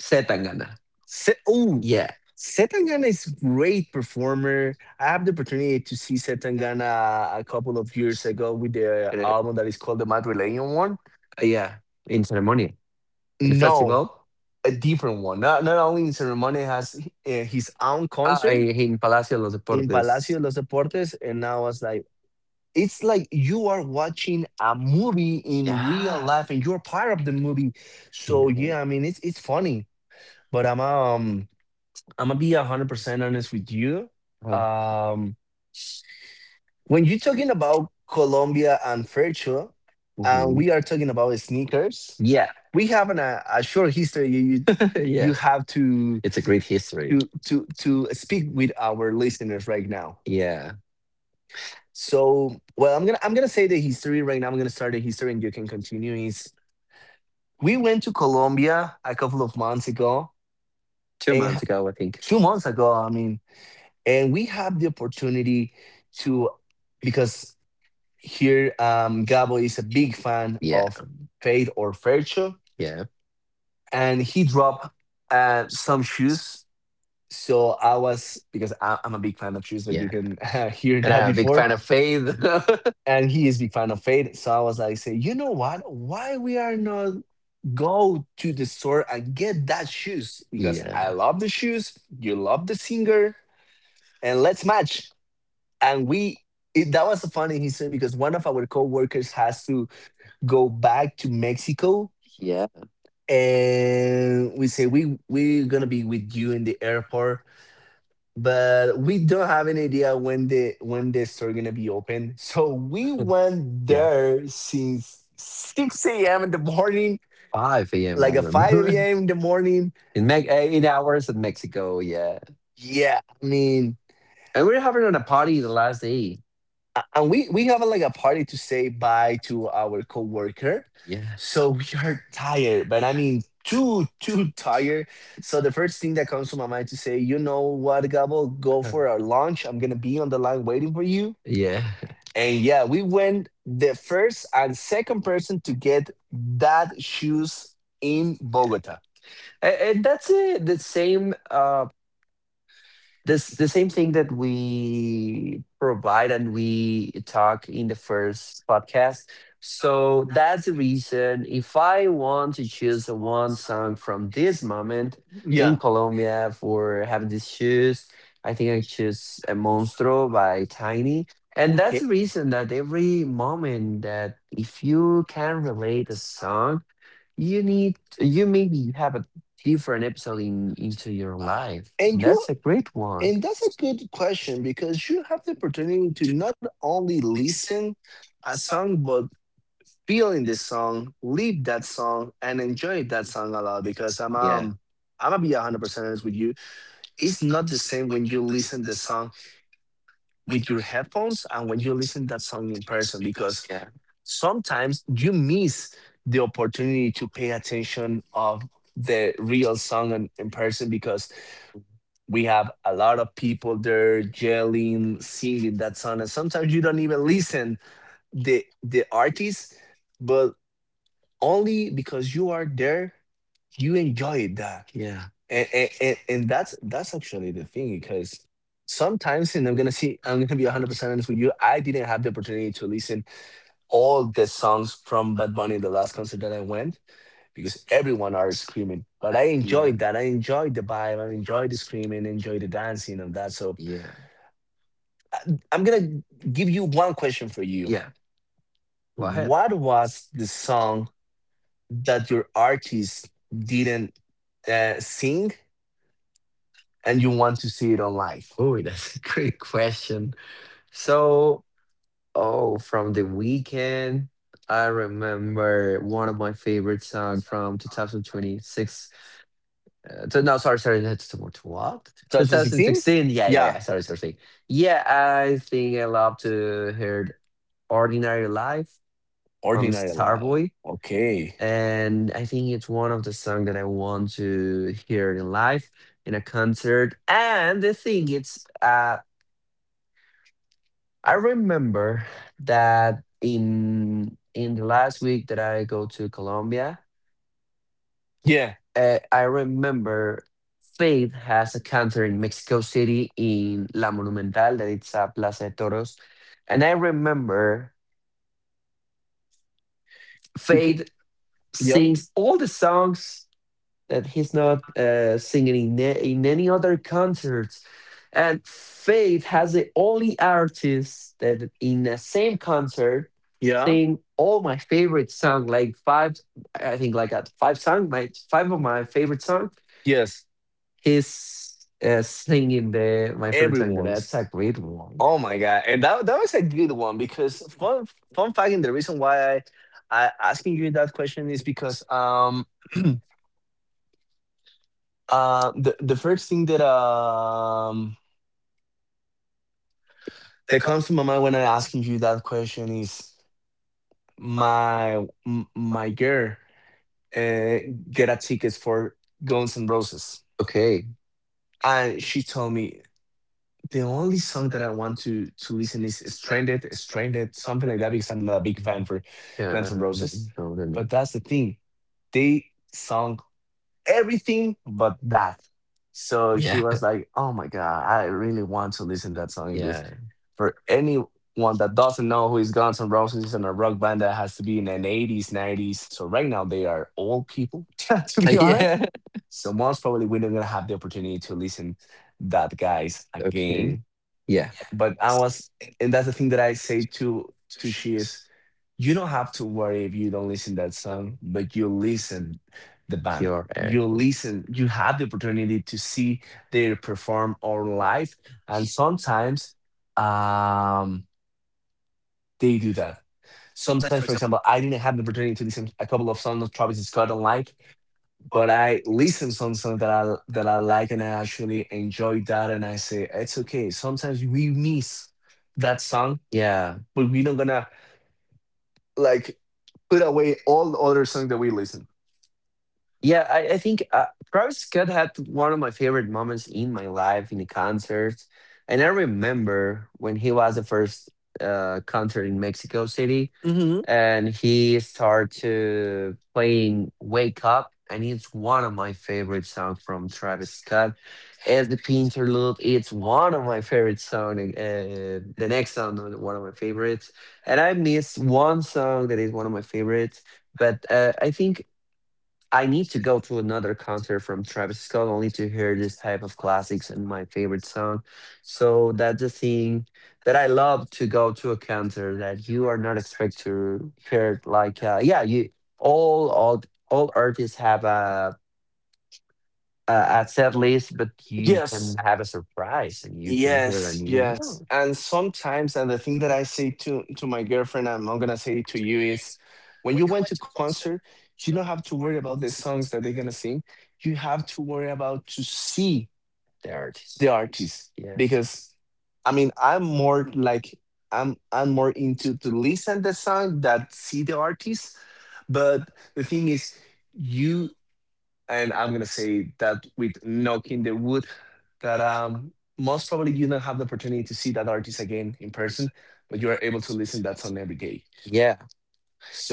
S1: Setangana.
S2: Oh,
S1: Yeah,
S2: Setangana is great performer. I had the opportunity to see Setangana a couple of years ago with the
S1: and,
S2: album that is called the Madrileño one.
S1: yeah, in ceremony, in the
S2: No,
S1: festival.
S2: a different one. Not, not only in Ceremony has his own
S1: Ah,
S2: concert
S1: in Palacio de los
S2: in Palacio
S1: Deportes.
S2: de los Deportes, and I was like, it's like you are watching a movie in
S1: Yeah,
S2: real life and you're part of the movie. So
S1: yeah,
S2: yeah, I mean it's funny. But I'm gonna be 100% honest with you.
S1: uh,
S2: Um when you're talking about Colombia and Fercho, and
S1: mhm.
S2: we are talking about sneakers,
S1: Yeah,
S2: we have a short history. you, you
S1: yeah.
S2: you have to
S1: It's a great history.
S2: speak with our listeners right now.
S1: Yeah. S-
S2: So well I'm gonna say the history right now. I'm gonna start the history and you can continue. Is We went to Colombia a couple of months ago,
S1: two
S2: and
S1: months ago, I think.
S2: 2 months ago, I mean, and we have the opportunity to, because here Gabo is a big fan
S1: Yeah.
S2: of Fade or Fercho,
S1: Yeah.
S2: and he dropped some shoes. So I was, because I'm a big fan of shoes, like you
S1: Yeah.
S2: can hear
S1: And
S2: that
S1: I'm a big
S2: before.
S1: fan of Faith.
S2: And he is big fan of Fade. So I was like, say, you know what? Why we are not go to the store and get that shoes because I
S1: Yeah.
S2: love the shoes, you love the singer, and let's match. And that was a funny history because one of our coworkers has to go back to Mexico,
S1: Yeah.
S2: and we say we're gonna be with you in the airport, but we don't have any idea when the store gonna be open, so we went
S1: Yeah.
S2: there since 6 a.m in the morning,
S1: 5 a.m. I
S2: like a 5
S1: remember.
S2: a.m in the morning.
S1: 8 hours in Mexico. Yeah.
S2: Yeah, I mean,
S1: And we we're having a party the last day.
S2: and we have like a party to say bye to our coworker,
S1: Yeah.
S2: so we are tired. But I mean, too tired. So the first thing that comes to my mind to say, you know what, Gabo, go for our lunch. I'm gonna be on the line waiting for you.
S1: Yeah.
S2: And yeah, we went the first and second person to get that shoes in Bogota.
S1: And that's it. The same. This the same thing that we provide and we talk in the first podcast. So that's the reason if I want to choose one song from this moment in
S2: Yeah.
S1: Colombia for having these shoes, I think I choose a Monstro by Tiny. And that's
S2: Okay.
S1: the reason that every moment that if you can relate a song, you need you maybe have a different episode in, into your life. And
S2: And you
S1: that's a great one.
S2: And that's a good question because you have the opportunity to not only listen a song, but feel in the song, live that song, and enjoy that song a lot. Because
S1: Yeah.
S2: I'm gonna be 100% honest with you. It's not the same when you listen the song with your headphones and when you listen that song in person. Because
S1: Yeah. Yeah.
S2: sometimes you miss the opportunity to pay attention of the real song in person because we have a lot of people there yelling, singing that song, and sometimes you don't even listen the artist, but only because you are there, you enjoy that, and and that's actually the thing because sometimes, and I'm gonna be 100% honest with you, I didn't have the opportunity to listen all the songs from Bad Bunny in the last concert that I went because everyone are screaming, but I
S1: Yeah.
S2: enjoyed that, I enjoyed the vibe, I enjoyed the screaming, enjoyed the dancing and that, so.
S1: Yeah.
S2: I'm gonna give you one question for you.
S1: Yeah. Go ahead.
S2: What was the song that your artist didn't sing and you want to see it on live?
S1: Oh, that's a great question. So, oh, from the weekend, I remember one of my favorite song from 2026. So no, sorry, sorry. That's to what?
S2: 2016?
S1: 2016. Yeah, yeah,
S2: Yeah,
S1: yeah. Sorry, sorry, sorry. Yeah, I think I love to hear "Ordinary Life" from
S2: Ordinary Love.
S1: Starboy,
S2: Okay.
S1: and I think it's one of the songs that I want to hear in live in a concert. And the thing it's, I remember that in the last week that I go to Colombia.
S2: Yeah.
S1: Uh, I remember Faith has a counter in Mexico City in La Monumental, that it's a Plaza de Toros. And I remember
S2: Yep.
S1: Faith
S2: Yeah.
S1: sings all the songs that he's not singing in, in any other concerts. And Faith has the only artist that in the same concert
S2: Yeah.
S1: sing all my favorite song, like five, I think like five song, my five of my favorite songs.
S2: Yes.
S1: His singing the my favorite song. That's
S2: Everyone's.
S1: a great one.
S2: Oh my god! And that that was a good one because fun fact. And the reason why I asking you that question is because the first thing that that comes to my mind when I'm asking you that question is my girl uh, get a tickets for Guns N' Roses,
S1: Okay.
S2: and she told me the only song that I want to listen is Stranded, Stranded, something like that because I'm not a big fan
S1: Mhm.
S2: for
S1: Yeah, I
S2: Guns N'
S1: don't
S2: Roses.
S1: know. I don't
S2: But
S1: know.
S2: that's the thing, they sung everything but that. So she
S1: Yeah.
S2: was like, "Oh my god, I really want to listen to that song." Because
S1: Yeah.
S2: for anyone that doesn't know who is Guns N' Roses and a rock band that has to be in the '80s, '90s, so right now they are old people, to be honest.
S1: Yeah.
S2: So most probably we're not gonna have the opportunity to listen that guys
S1: Okay.
S2: again.
S1: Yeah.
S2: But I was, and that's the thing that I say to she is, you don't have to worry if you
S1: So,
S2: don't listen that song, but you listen the band.
S1: pure air.
S2: You listen, you have the opportunity to see they perform on live. And sometimes um they do that. Sometimes, for example, I didn't have the opportunity to listen a couple of songs of Travis Scott on live, but I listen some songs that I like, and I actually enjoy that, and I say it's okay. Sometimes we miss that song,
S1: Yeah.
S2: but we're not gonna like put away all the other songs that we listen.
S1: Yeah, I think Travis Scott had one of my favorite moments in my life in the concert. And I remember when he was the first concert in Mexico City,
S2: Mhm.
S1: and he started to playing Wake Up, and it's one of my favorite songs from Travis Scott. As the interlude, it's one of my favorite songs. The next song, is one of my favorites, and I miss one song that is one of my favorites. But I think I need to go to another concert from Travis Scott only to hear this type of classics and my favorite song. So that's the thing that I love to go to a concert that you are not expect to hear. You all all all artists have a set list, but you
S2: Yes,
S1: can have a surprise and you can hear a
S2: yes,
S1: new
S2: yes.
S1: one.
S2: And sometimes, and the thing that I say to my girlfriend, and I'm gonna say to you is, when you went to concert, you don't have to worry about the songs that they're gonna sing. You have to worry about to see
S1: The artist,
S2: the artist
S1: yeah,
S2: because I mean I'm more into to listen the song that see the artist. But the thing is you and I'm gonna say that with knocking the wood that most probably you don't have the opportunity to see that artist again in person, but you are able to listen that song every day.
S1: yeah.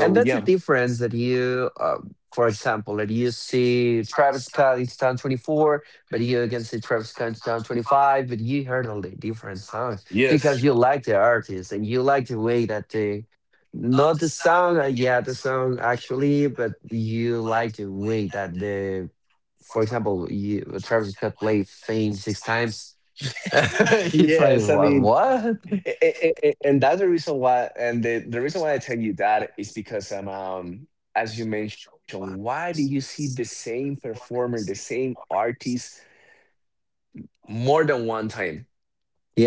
S1: And that's the
S2: yeah,
S1: difference that you, for example, that you see Travis Scott in 2024, but you can see Travis Scott in 2025, but you heard all the different songs
S2: yes.
S1: because you like the artist and you like the way that they, not the song, yeah, the song actually, but you like the way for example, Travis Scott played Fame six times. It's like,
S2: Yes, I
S1: what?
S2: mean
S1: What?
S2: and that's the reason why and the reason why I tell you that is because as you mentioned, why do you see the same performer, the same artist, more than one time,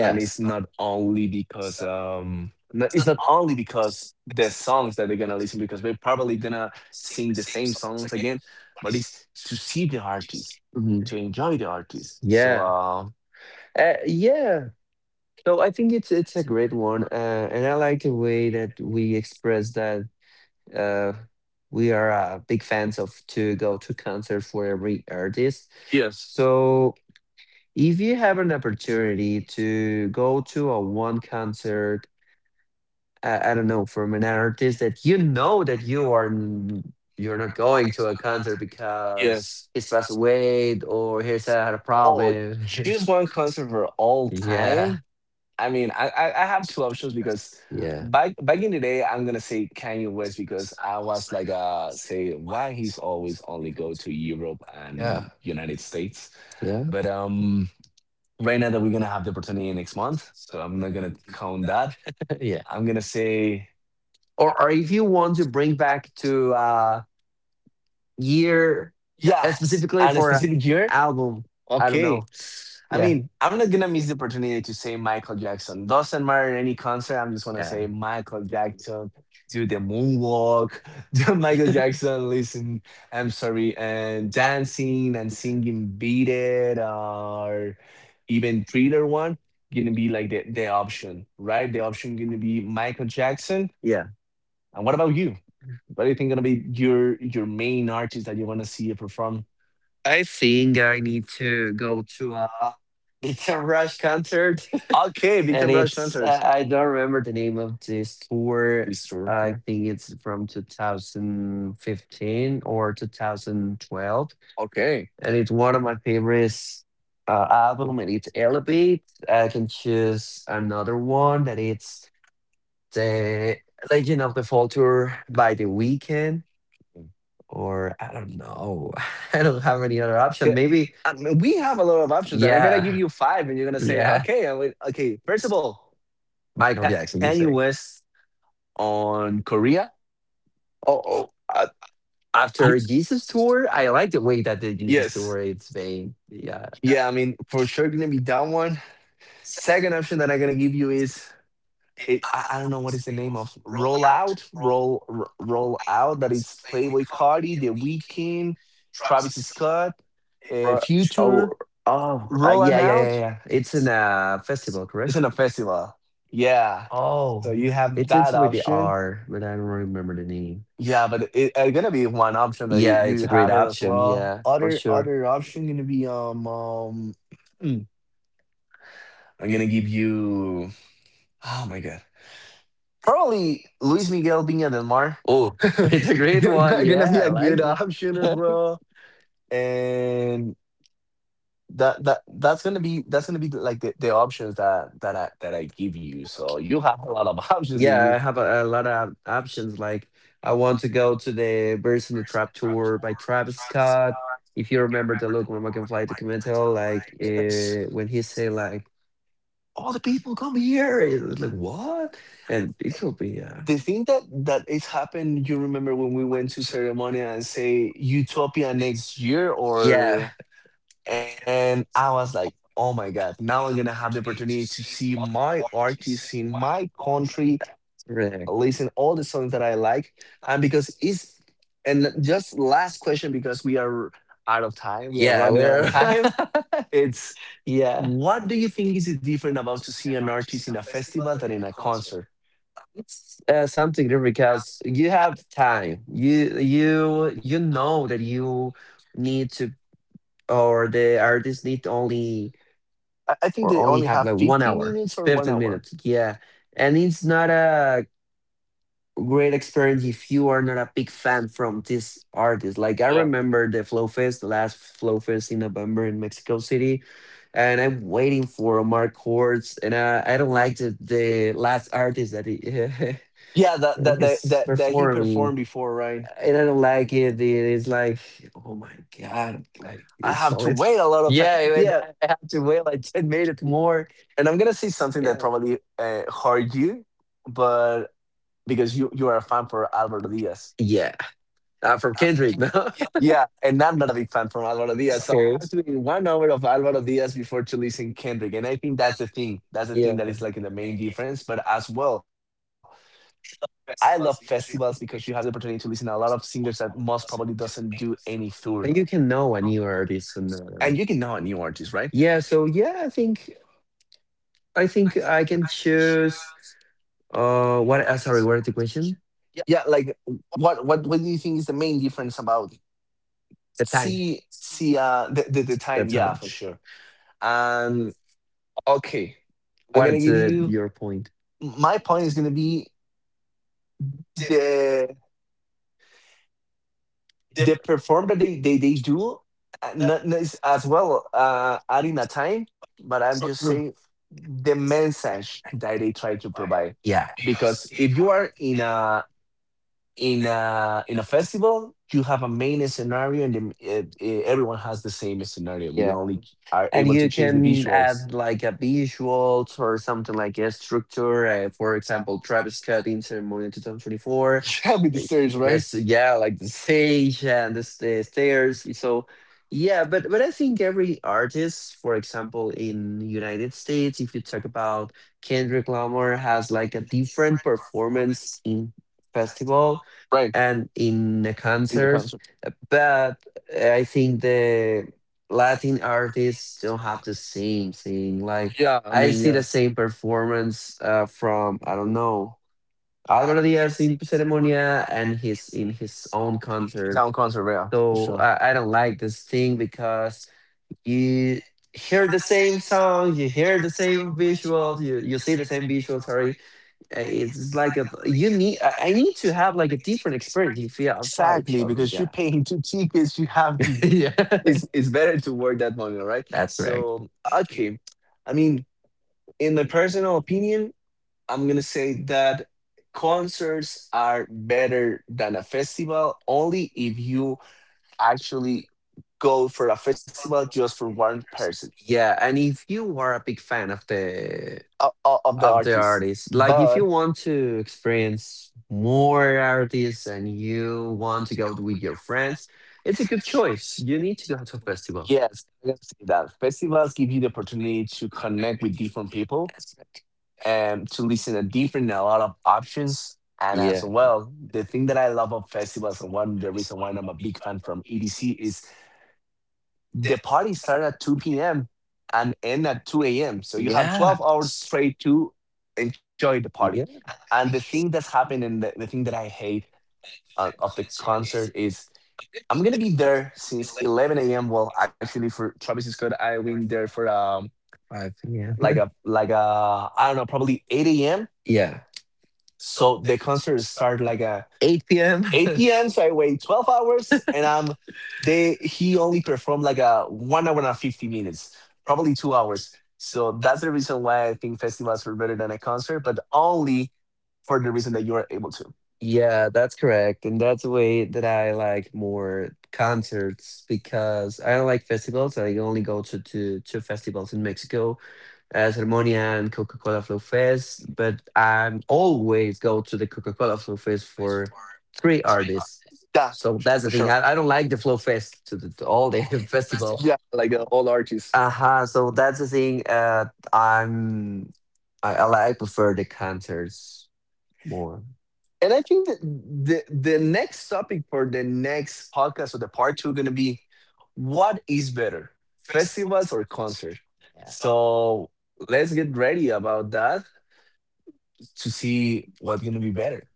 S2: and it's not only because it's not only because the songs that they're gonna listen because they're probably gonna sing the same songs again, but it's to see the artist,
S1: Mhm.
S2: to enjoy the artist, so
S1: Yeah. Yeah. So I think it's a great one, and I like the way that we express that uh, we are big fans of to go to concert for every artist.
S2: yes,
S1: So if you have an opportunity to go to a one concert, I don't know, from an artist that you know that you're not going to a concert
S2: yes.
S1: because he's passed away or he's had a
S2: Oh,
S1: problem.
S2: choose one concert for all
S1: Yeah,
S2: time? I mean, I have two options because
S1: yeah.
S2: back in the day, I'm gonna say Kanye West because
S1: that
S2: I was like, say why he's always only go to Europe and Yeah. United States.
S1: And
S2: But
S1: yeah,
S2: um, right now that we're gonna have the opportunity next month, so I'm not gonna count that.
S1: yeah, yeah.
S2: I'm gonna say
S1: Or if you want to bring back to year,
S2: yes,
S1: specifically
S2: and a
S1: for an
S2: specific year.
S1: album, I don't
S2: Okay.
S1: know.
S2: I
S1: Yeah,
S2: mean, I'm not gonna miss the opportunity to say Michael Jackson. Doesn't matter any concert. I'm just gonna
S1: yeah,
S2: say Michael Jackson. Do the moonwalk, the Michael Jackson. Listen, I'm sorry, and dancing and singing "Beat It" or even Thriller one gonna be like the option, right? The option gonna be Michael Jackson.
S1: yeah.
S2: And what about you? What do you think gonna be your main artist that you wanna see perform?
S1: I think I need to go to a it's a Rush concert,
S2: Okay, Victor
S1: and
S2: Rush
S1: it's
S2: Hunters.
S1: I don't remember the name of this tour.
S2: It's true.
S1: I
S2: Yeah.
S1: think it's from 2015 or 2012,
S2: Okay.
S1: and it's one of my favorites album, and it's elevate. I can choose another one that it's the legend of the Fall tour by the Weeknd, or I don't know. I don't have any other option
S2: Yeah,
S1: maybe.
S2: I mean, we have a lot of options, and I'm gonna give
S1: Yeah,
S2: you five, and you're gonna say,
S1: yeah,
S2: "Okay, I would, okay." First of all,
S1: Michael
S2: Ka-
S1: Jackson you
S2: Kanye
S1: say.
S2: West on Korea.
S1: oh, oh uh,
S2: Ye-
S1: after Jesus tour. I like the way that the Jesus
S2: Yes,
S1: tour it's being, yeah.
S2: yeah. I mean, for sure, gonna be that one. Second option that I'm gonna give you is it. I don't know what is the name of Roll Out, Roll Out. That it's Playboy Cardi, The Weeknd, Travis Scott,
S1: Ro- oh
S2: Future.
S1: oh yeah,
S2: Rolling Out.
S1: it's in a festival, correct.
S2: It's in a festival. Yeah.
S1: Oh,
S2: So you have
S1: it ends
S2: that
S1: with the
S2: option.
S1: R, but I don't remember the name.
S2: Yeah, but it's gonna be one option that
S1: Yeah, it's
S2: you
S1: a great
S2: have it as
S1: option.
S2: well.
S1: Yeah, for sure.
S2: Other option gonna be I'm gonna give you oh my god probably Luis Miguel Viña del Mar.
S1: Oh, it's a great one.
S2: Gonna
S1: Yeah,
S2: be
S1: I
S2: a
S1: like
S2: good option as
S1: it.
S2: well. And that's gonna be like the options that that I give you, so you have a lot of options in
S1: Yeah,
S2: you.
S1: I have a lot of options. Like, I want to go to the Birds in the Trap tour by Travis Scott. If you remember the Look Mama Can Fly documentary, like
S2: Yes.
S1: when he say like, all the people come here. It's like, what? And it will be,
S2: The thing that is happened, you remember when we went to Ceremonia and say utopia next year,
S1: yeah,
S2: or and I was like oh my god, now I'm gonna have the opportunity to see my artists in my country,
S1: right.
S2: listen all the songs that I like, and because it's and just last question because we are out of time, we are
S1: Yeah,
S2: running out of
S1: we're,
S2: time. It's
S1: yeah.
S2: what do you think is different about to see an artist in a festival than in a concert?
S1: It's something there because you have time. You know that you need to, or the artist need only,
S2: I think
S1: or
S2: they
S1: only
S2: only
S1: have
S2: have
S1: like one
S2: 50
S1: hour, it's
S2: minutes or one
S1: fifteen
S2: hour
S1: minutes. Yeah, and it's not a great experience if you are not a big fan from this artist. Like I
S2: Yeah. Don't.
S1: remember the Flow Fest, the last Flow Fest in November in Mexico City, and I'm waiting for Mark Hortz, and I don't like the last artist that he,
S2: Yeah,
S1: it's
S2: that he
S1: performing,
S2: performed before, right?
S1: and I don't like it. It is like, oh my god, like
S2: I
S1: it's
S2: have
S1: so
S2: to
S1: it's
S2: wait a lot of time.
S1: yeah. And
S2: Yeah,
S1: I have to wait like 10 minutes more.
S2: and I'm gonna say something that
S1: Yeah,
S2: probably hurt you, but because you are a fan for Alvaro Diaz.
S1: yeah. From Kendrick, no.
S2: Yeah, and I'm not a big fan from Alvaro Diaz, so I
S1: Okay.
S2: have to be 1 hour of Alvaro Diaz before to listen Kendrick, and I think that's the thing. That's the
S1: Yeah.
S2: thing that is like the main difference. But as well, I love festivals because you have the opportunity to listen to a lot of singers that most probably doesn't do any tour.
S1: And you can know a new artist, and
S2: And you can know a new artist, right?
S1: yeah. So yeah, I think I think I can choose. What? Sorry, what is the question?
S2: Yeah, like what do you think is the main difference about
S1: The time.
S2: see see the, the time,
S1: That's how
S2: yeah, for
S1: much.
S2: sure. Um, okay. I'm
S1: What
S2: gonna
S1: is
S2: give you
S1: your point?
S2: my point is gonna be the the perform that they do, not, not is as well adding a time, but I'm just saying
S1: Mm.
S2: the message that they try to provide.
S1: Yeah.
S2: Because if you are in a in a festival, you have a main scenario and the, everyone has the same scenario. We
S1: Yeah,
S2: only are
S1: and
S2: able
S1: you
S2: to change the
S1: can
S2: visuals.
S1: add like a visuals or something like a structure. For example, Travis Scott in ceremony 2024.
S2: Yeah, with the series, right?
S1: Yes, yeah, like the stage and the stairs. So, yeah, but I think every artist, for example, in United States, if you talk about Kendrick Lamar, has like a different performance in festival
S2: Right.
S1: and in a
S2: In the
S1: concert.
S2: concert.
S1: But I think the Latin artists don't have the same thing. Like
S2: Yeah, I
S1: I
S2: mean,
S1: see the
S2: yes.
S1: same performance from I don't know, Alvaro Diaz in Ceremonia and his own
S2: His
S1: concert.
S2: own concert, yeah, for
S1: So
S2: sure.
S1: I don't like this thing because you hear the same song, you hear the same visuals, you see the same visuals. Sorry, it's like a you need. I need to have like a different experience if you apply.
S2: Exactly, because you're
S1: Yeah,
S2: paying two tickets, you have to.
S1: yeah,
S2: It's better to work that money, right?
S1: that's right.
S2: So okay, I mean, in my personal opinion, I'm gonna say that concerts are better than a festival, only if you actually go for a festival just for one person.
S1: Yeah, and if you are a big fan
S2: Of the
S1: of the
S2: artists.
S1: artist, like if
S2: But
S1: you want to experience more artists and you want to go with your friends, it's a good choice. You need to go to a festival.
S2: yes, I can say that festivals give you the opportunity to connect with different people
S1: That's correct.
S2: and to listen to different, a lot of options. And as
S1: Yeah.
S2: well, the thing that I love of festivals and one the reason why I'm a big fan from EDC is the party start at 2 p.m. and end at 2 a.m. So you have
S1: Yeah.
S2: 12 hours straight to enjoy the party.
S1: Yeah.
S2: And the thing that's happened and the thing that I hate of the concert is I'm gonna be there since 11 a.m. Well, actually, for Travis Scott, I went there for
S1: 5 p.m.
S2: like a like a I don't know, probably 8 a.m.
S1: Yeah.
S2: So the concert start like a
S1: 8 p.m.
S2: 8 p.m. So I wait 12 hours, and they he only performed like a 1 hour and 50 minutes, probably 2 hours. So that's the reason why I think festivals are better than a concert, but only for the reason that you are able to.
S1: Yeah, that's correct. And that's the way that I like more concerts because I don't like festivals. I only go to two festivals in Mexico as Harmonia and Coca-Cola Flow Fest, but I always go to the Coca-Cola Flow Fest for three artists.
S2: Yeah,
S1: So
S2: for
S1: that's
S2: sure.
S1: the thing. I don't like the Flow Fest to all the
S2: Yeah,
S1: festival.
S2: like all artists.
S1: Uh-huh. So that's the thing. I'm I like, I prefer the concerts more.
S2: And I think that the next topic for the next podcast or the part two gonna be, what is better, festivals or concert? So let's get ready about that to see what's gonna be better.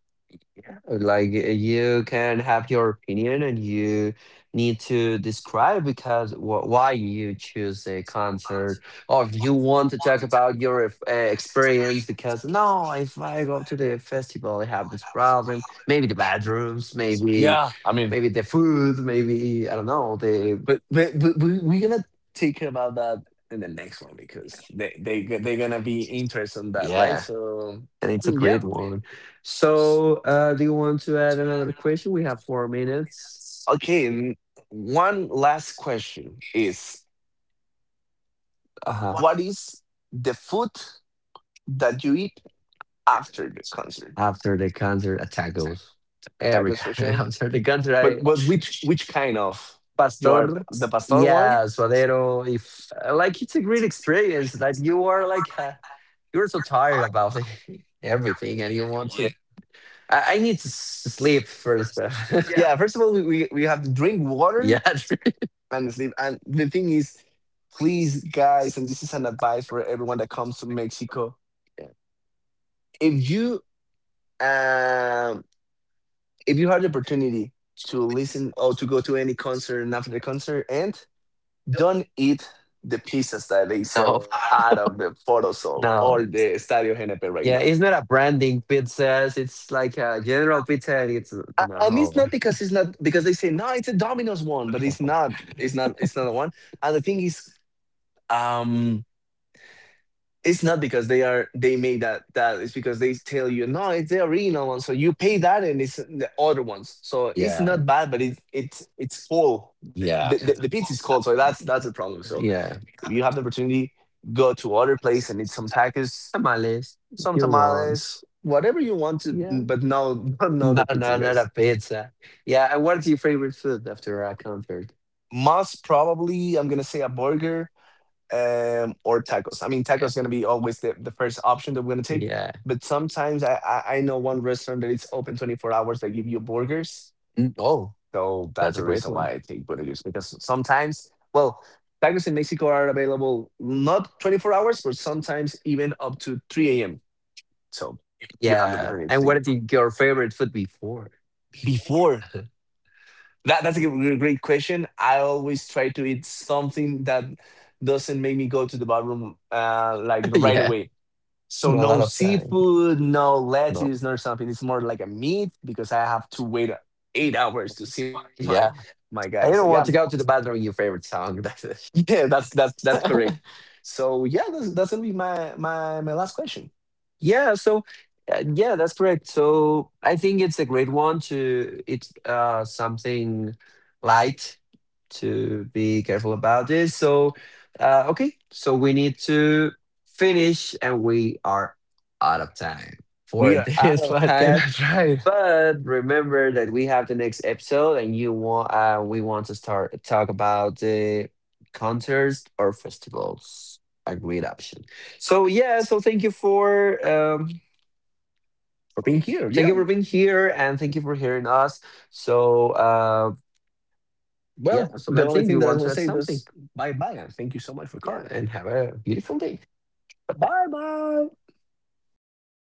S1: Like you can have your opinion and you need to describe because why you choose a concert, or if you want to talk about your experience because no, if I go to the festival I have this problem, maybe the bathrooms, maybe
S2: Yeah, I mean,
S1: maybe the food, maybe I don't know the.
S2: but we're gonna take care about that in the next one because they're gonna be interested in that, right?
S1: Yeah,
S2: So
S1: and it's a great
S2: yeah,
S1: one. So do you want to add another question? We have 4 minutes.
S2: okay. And one last question is,
S1: Uh huh.
S2: what is the food that you eat after the concert?
S1: After the concert, a tacos. Every
S2: Tacos
S1: time
S2: for sure.
S1: after the concert, I
S2: But what, which kind of? You are
S1: pastor,
S2: the pastor one? Yeah.
S1: yeah, suadero. If like it's a great experience that you are like you're so tired about everything, and you want to. I need to sleep first. Yeah.
S2: Yeah, first of all, we have to drink water
S1: Yeah.
S2: and sleep. And the thing is, please, guys, and this is an advice for everyone that comes to Mexico. If you um if you had the opportunity to listen or to go to any concert and after the concert, and don't eat the pizzas that they
S1: No,
S2: sell out of the photosol or
S1: no.
S2: the Estadio GNP right now.
S1: Yeah, it's not a branding pizza. It's like a general pizza, and it's
S2: And it's
S1: no.
S2: not because, it's not because they say no, it's a Domino's one, but it's
S1: No.
S2: not. It's not. It's not a one. And the thing is, um, it's not because they are, they made that. It's because they tell you no, it's the original one, so you pay that, and it's the other ones. So it's
S1: Yeah,
S2: not bad, but it's full. The, the
S1: yeah.
S2: the pizza is cold, so that's a problem. So
S1: Yeah.
S2: if you have the opportunity, go to other place and eat some tacos,
S1: Tamales,
S2: some
S1: Gilons.
S2: tamales, whatever you want to,
S1: Yeah.
S2: mm, but no, no, the pizza,
S1: Banana
S2: guys.
S1: pizza. Yeah. And what's your favorite food after a concert?
S2: Most probably, I'm gonna say a burger or tacos. I mean, tacos gonna be always the first option that we're gonna take.
S1: Yeah.
S2: But sometimes I know one restaurant that it's open 24 hours. They give you burgers,
S1: Mm, oh,
S2: so that's
S1: that's a
S2: the
S1: great
S2: reason
S1: one.
S2: why I take burgers because sometimes, well, tacos in Mexico are available not 24 hours, but sometimes even up to 3 a.m. So you have the opportunity to
S1: Yeah.
S2: take it
S1: And what is your favorite food before?
S2: before. That that's a gr- great question. I always try to eat something that doesn't make me go to the bathroom, like right
S1: Yeah.
S2: away.
S1: So
S2: So
S1: a lot
S2: no
S1: of song.
S2: seafood, no
S1: No.
S2: lettuce, nor something. It's more like a meat because I have to wait 8 hours to see my
S1: Yeah.
S2: my guy. So
S1: I
S2: yeah,
S1: don't want to go to the bathroom. Your favorite song. That's it.
S2: yeah, that's correct. So yeah, that's gonna be my last question.
S1: Yeah, so yeah, that's correct. So I think it's a great one to it's something light to be careful about this. So okay, so we need to finish and we are out of time for
S2: We are out
S1: this
S2: of time.
S1: podcast.
S2: That's right.
S1: But remember that we have the next episode, and you want we want to start talk about the concerts or festivals. A great option. So yeah, so
S2: For being here.
S1: thank you
S2: Yeah.
S1: for being here, and thank you for hearing us. So yeah,
S2: Well,
S1: so
S2: the
S1: let's
S2: only
S1: see. Do
S2: thing
S1: you
S2: that I
S1: want
S2: want
S1: to
S2: to
S1: add
S2: say
S1: something?
S2: is bye bye and thank you so much for calling.
S1: Yeah, and have a beautiful day.
S2: Bye bye.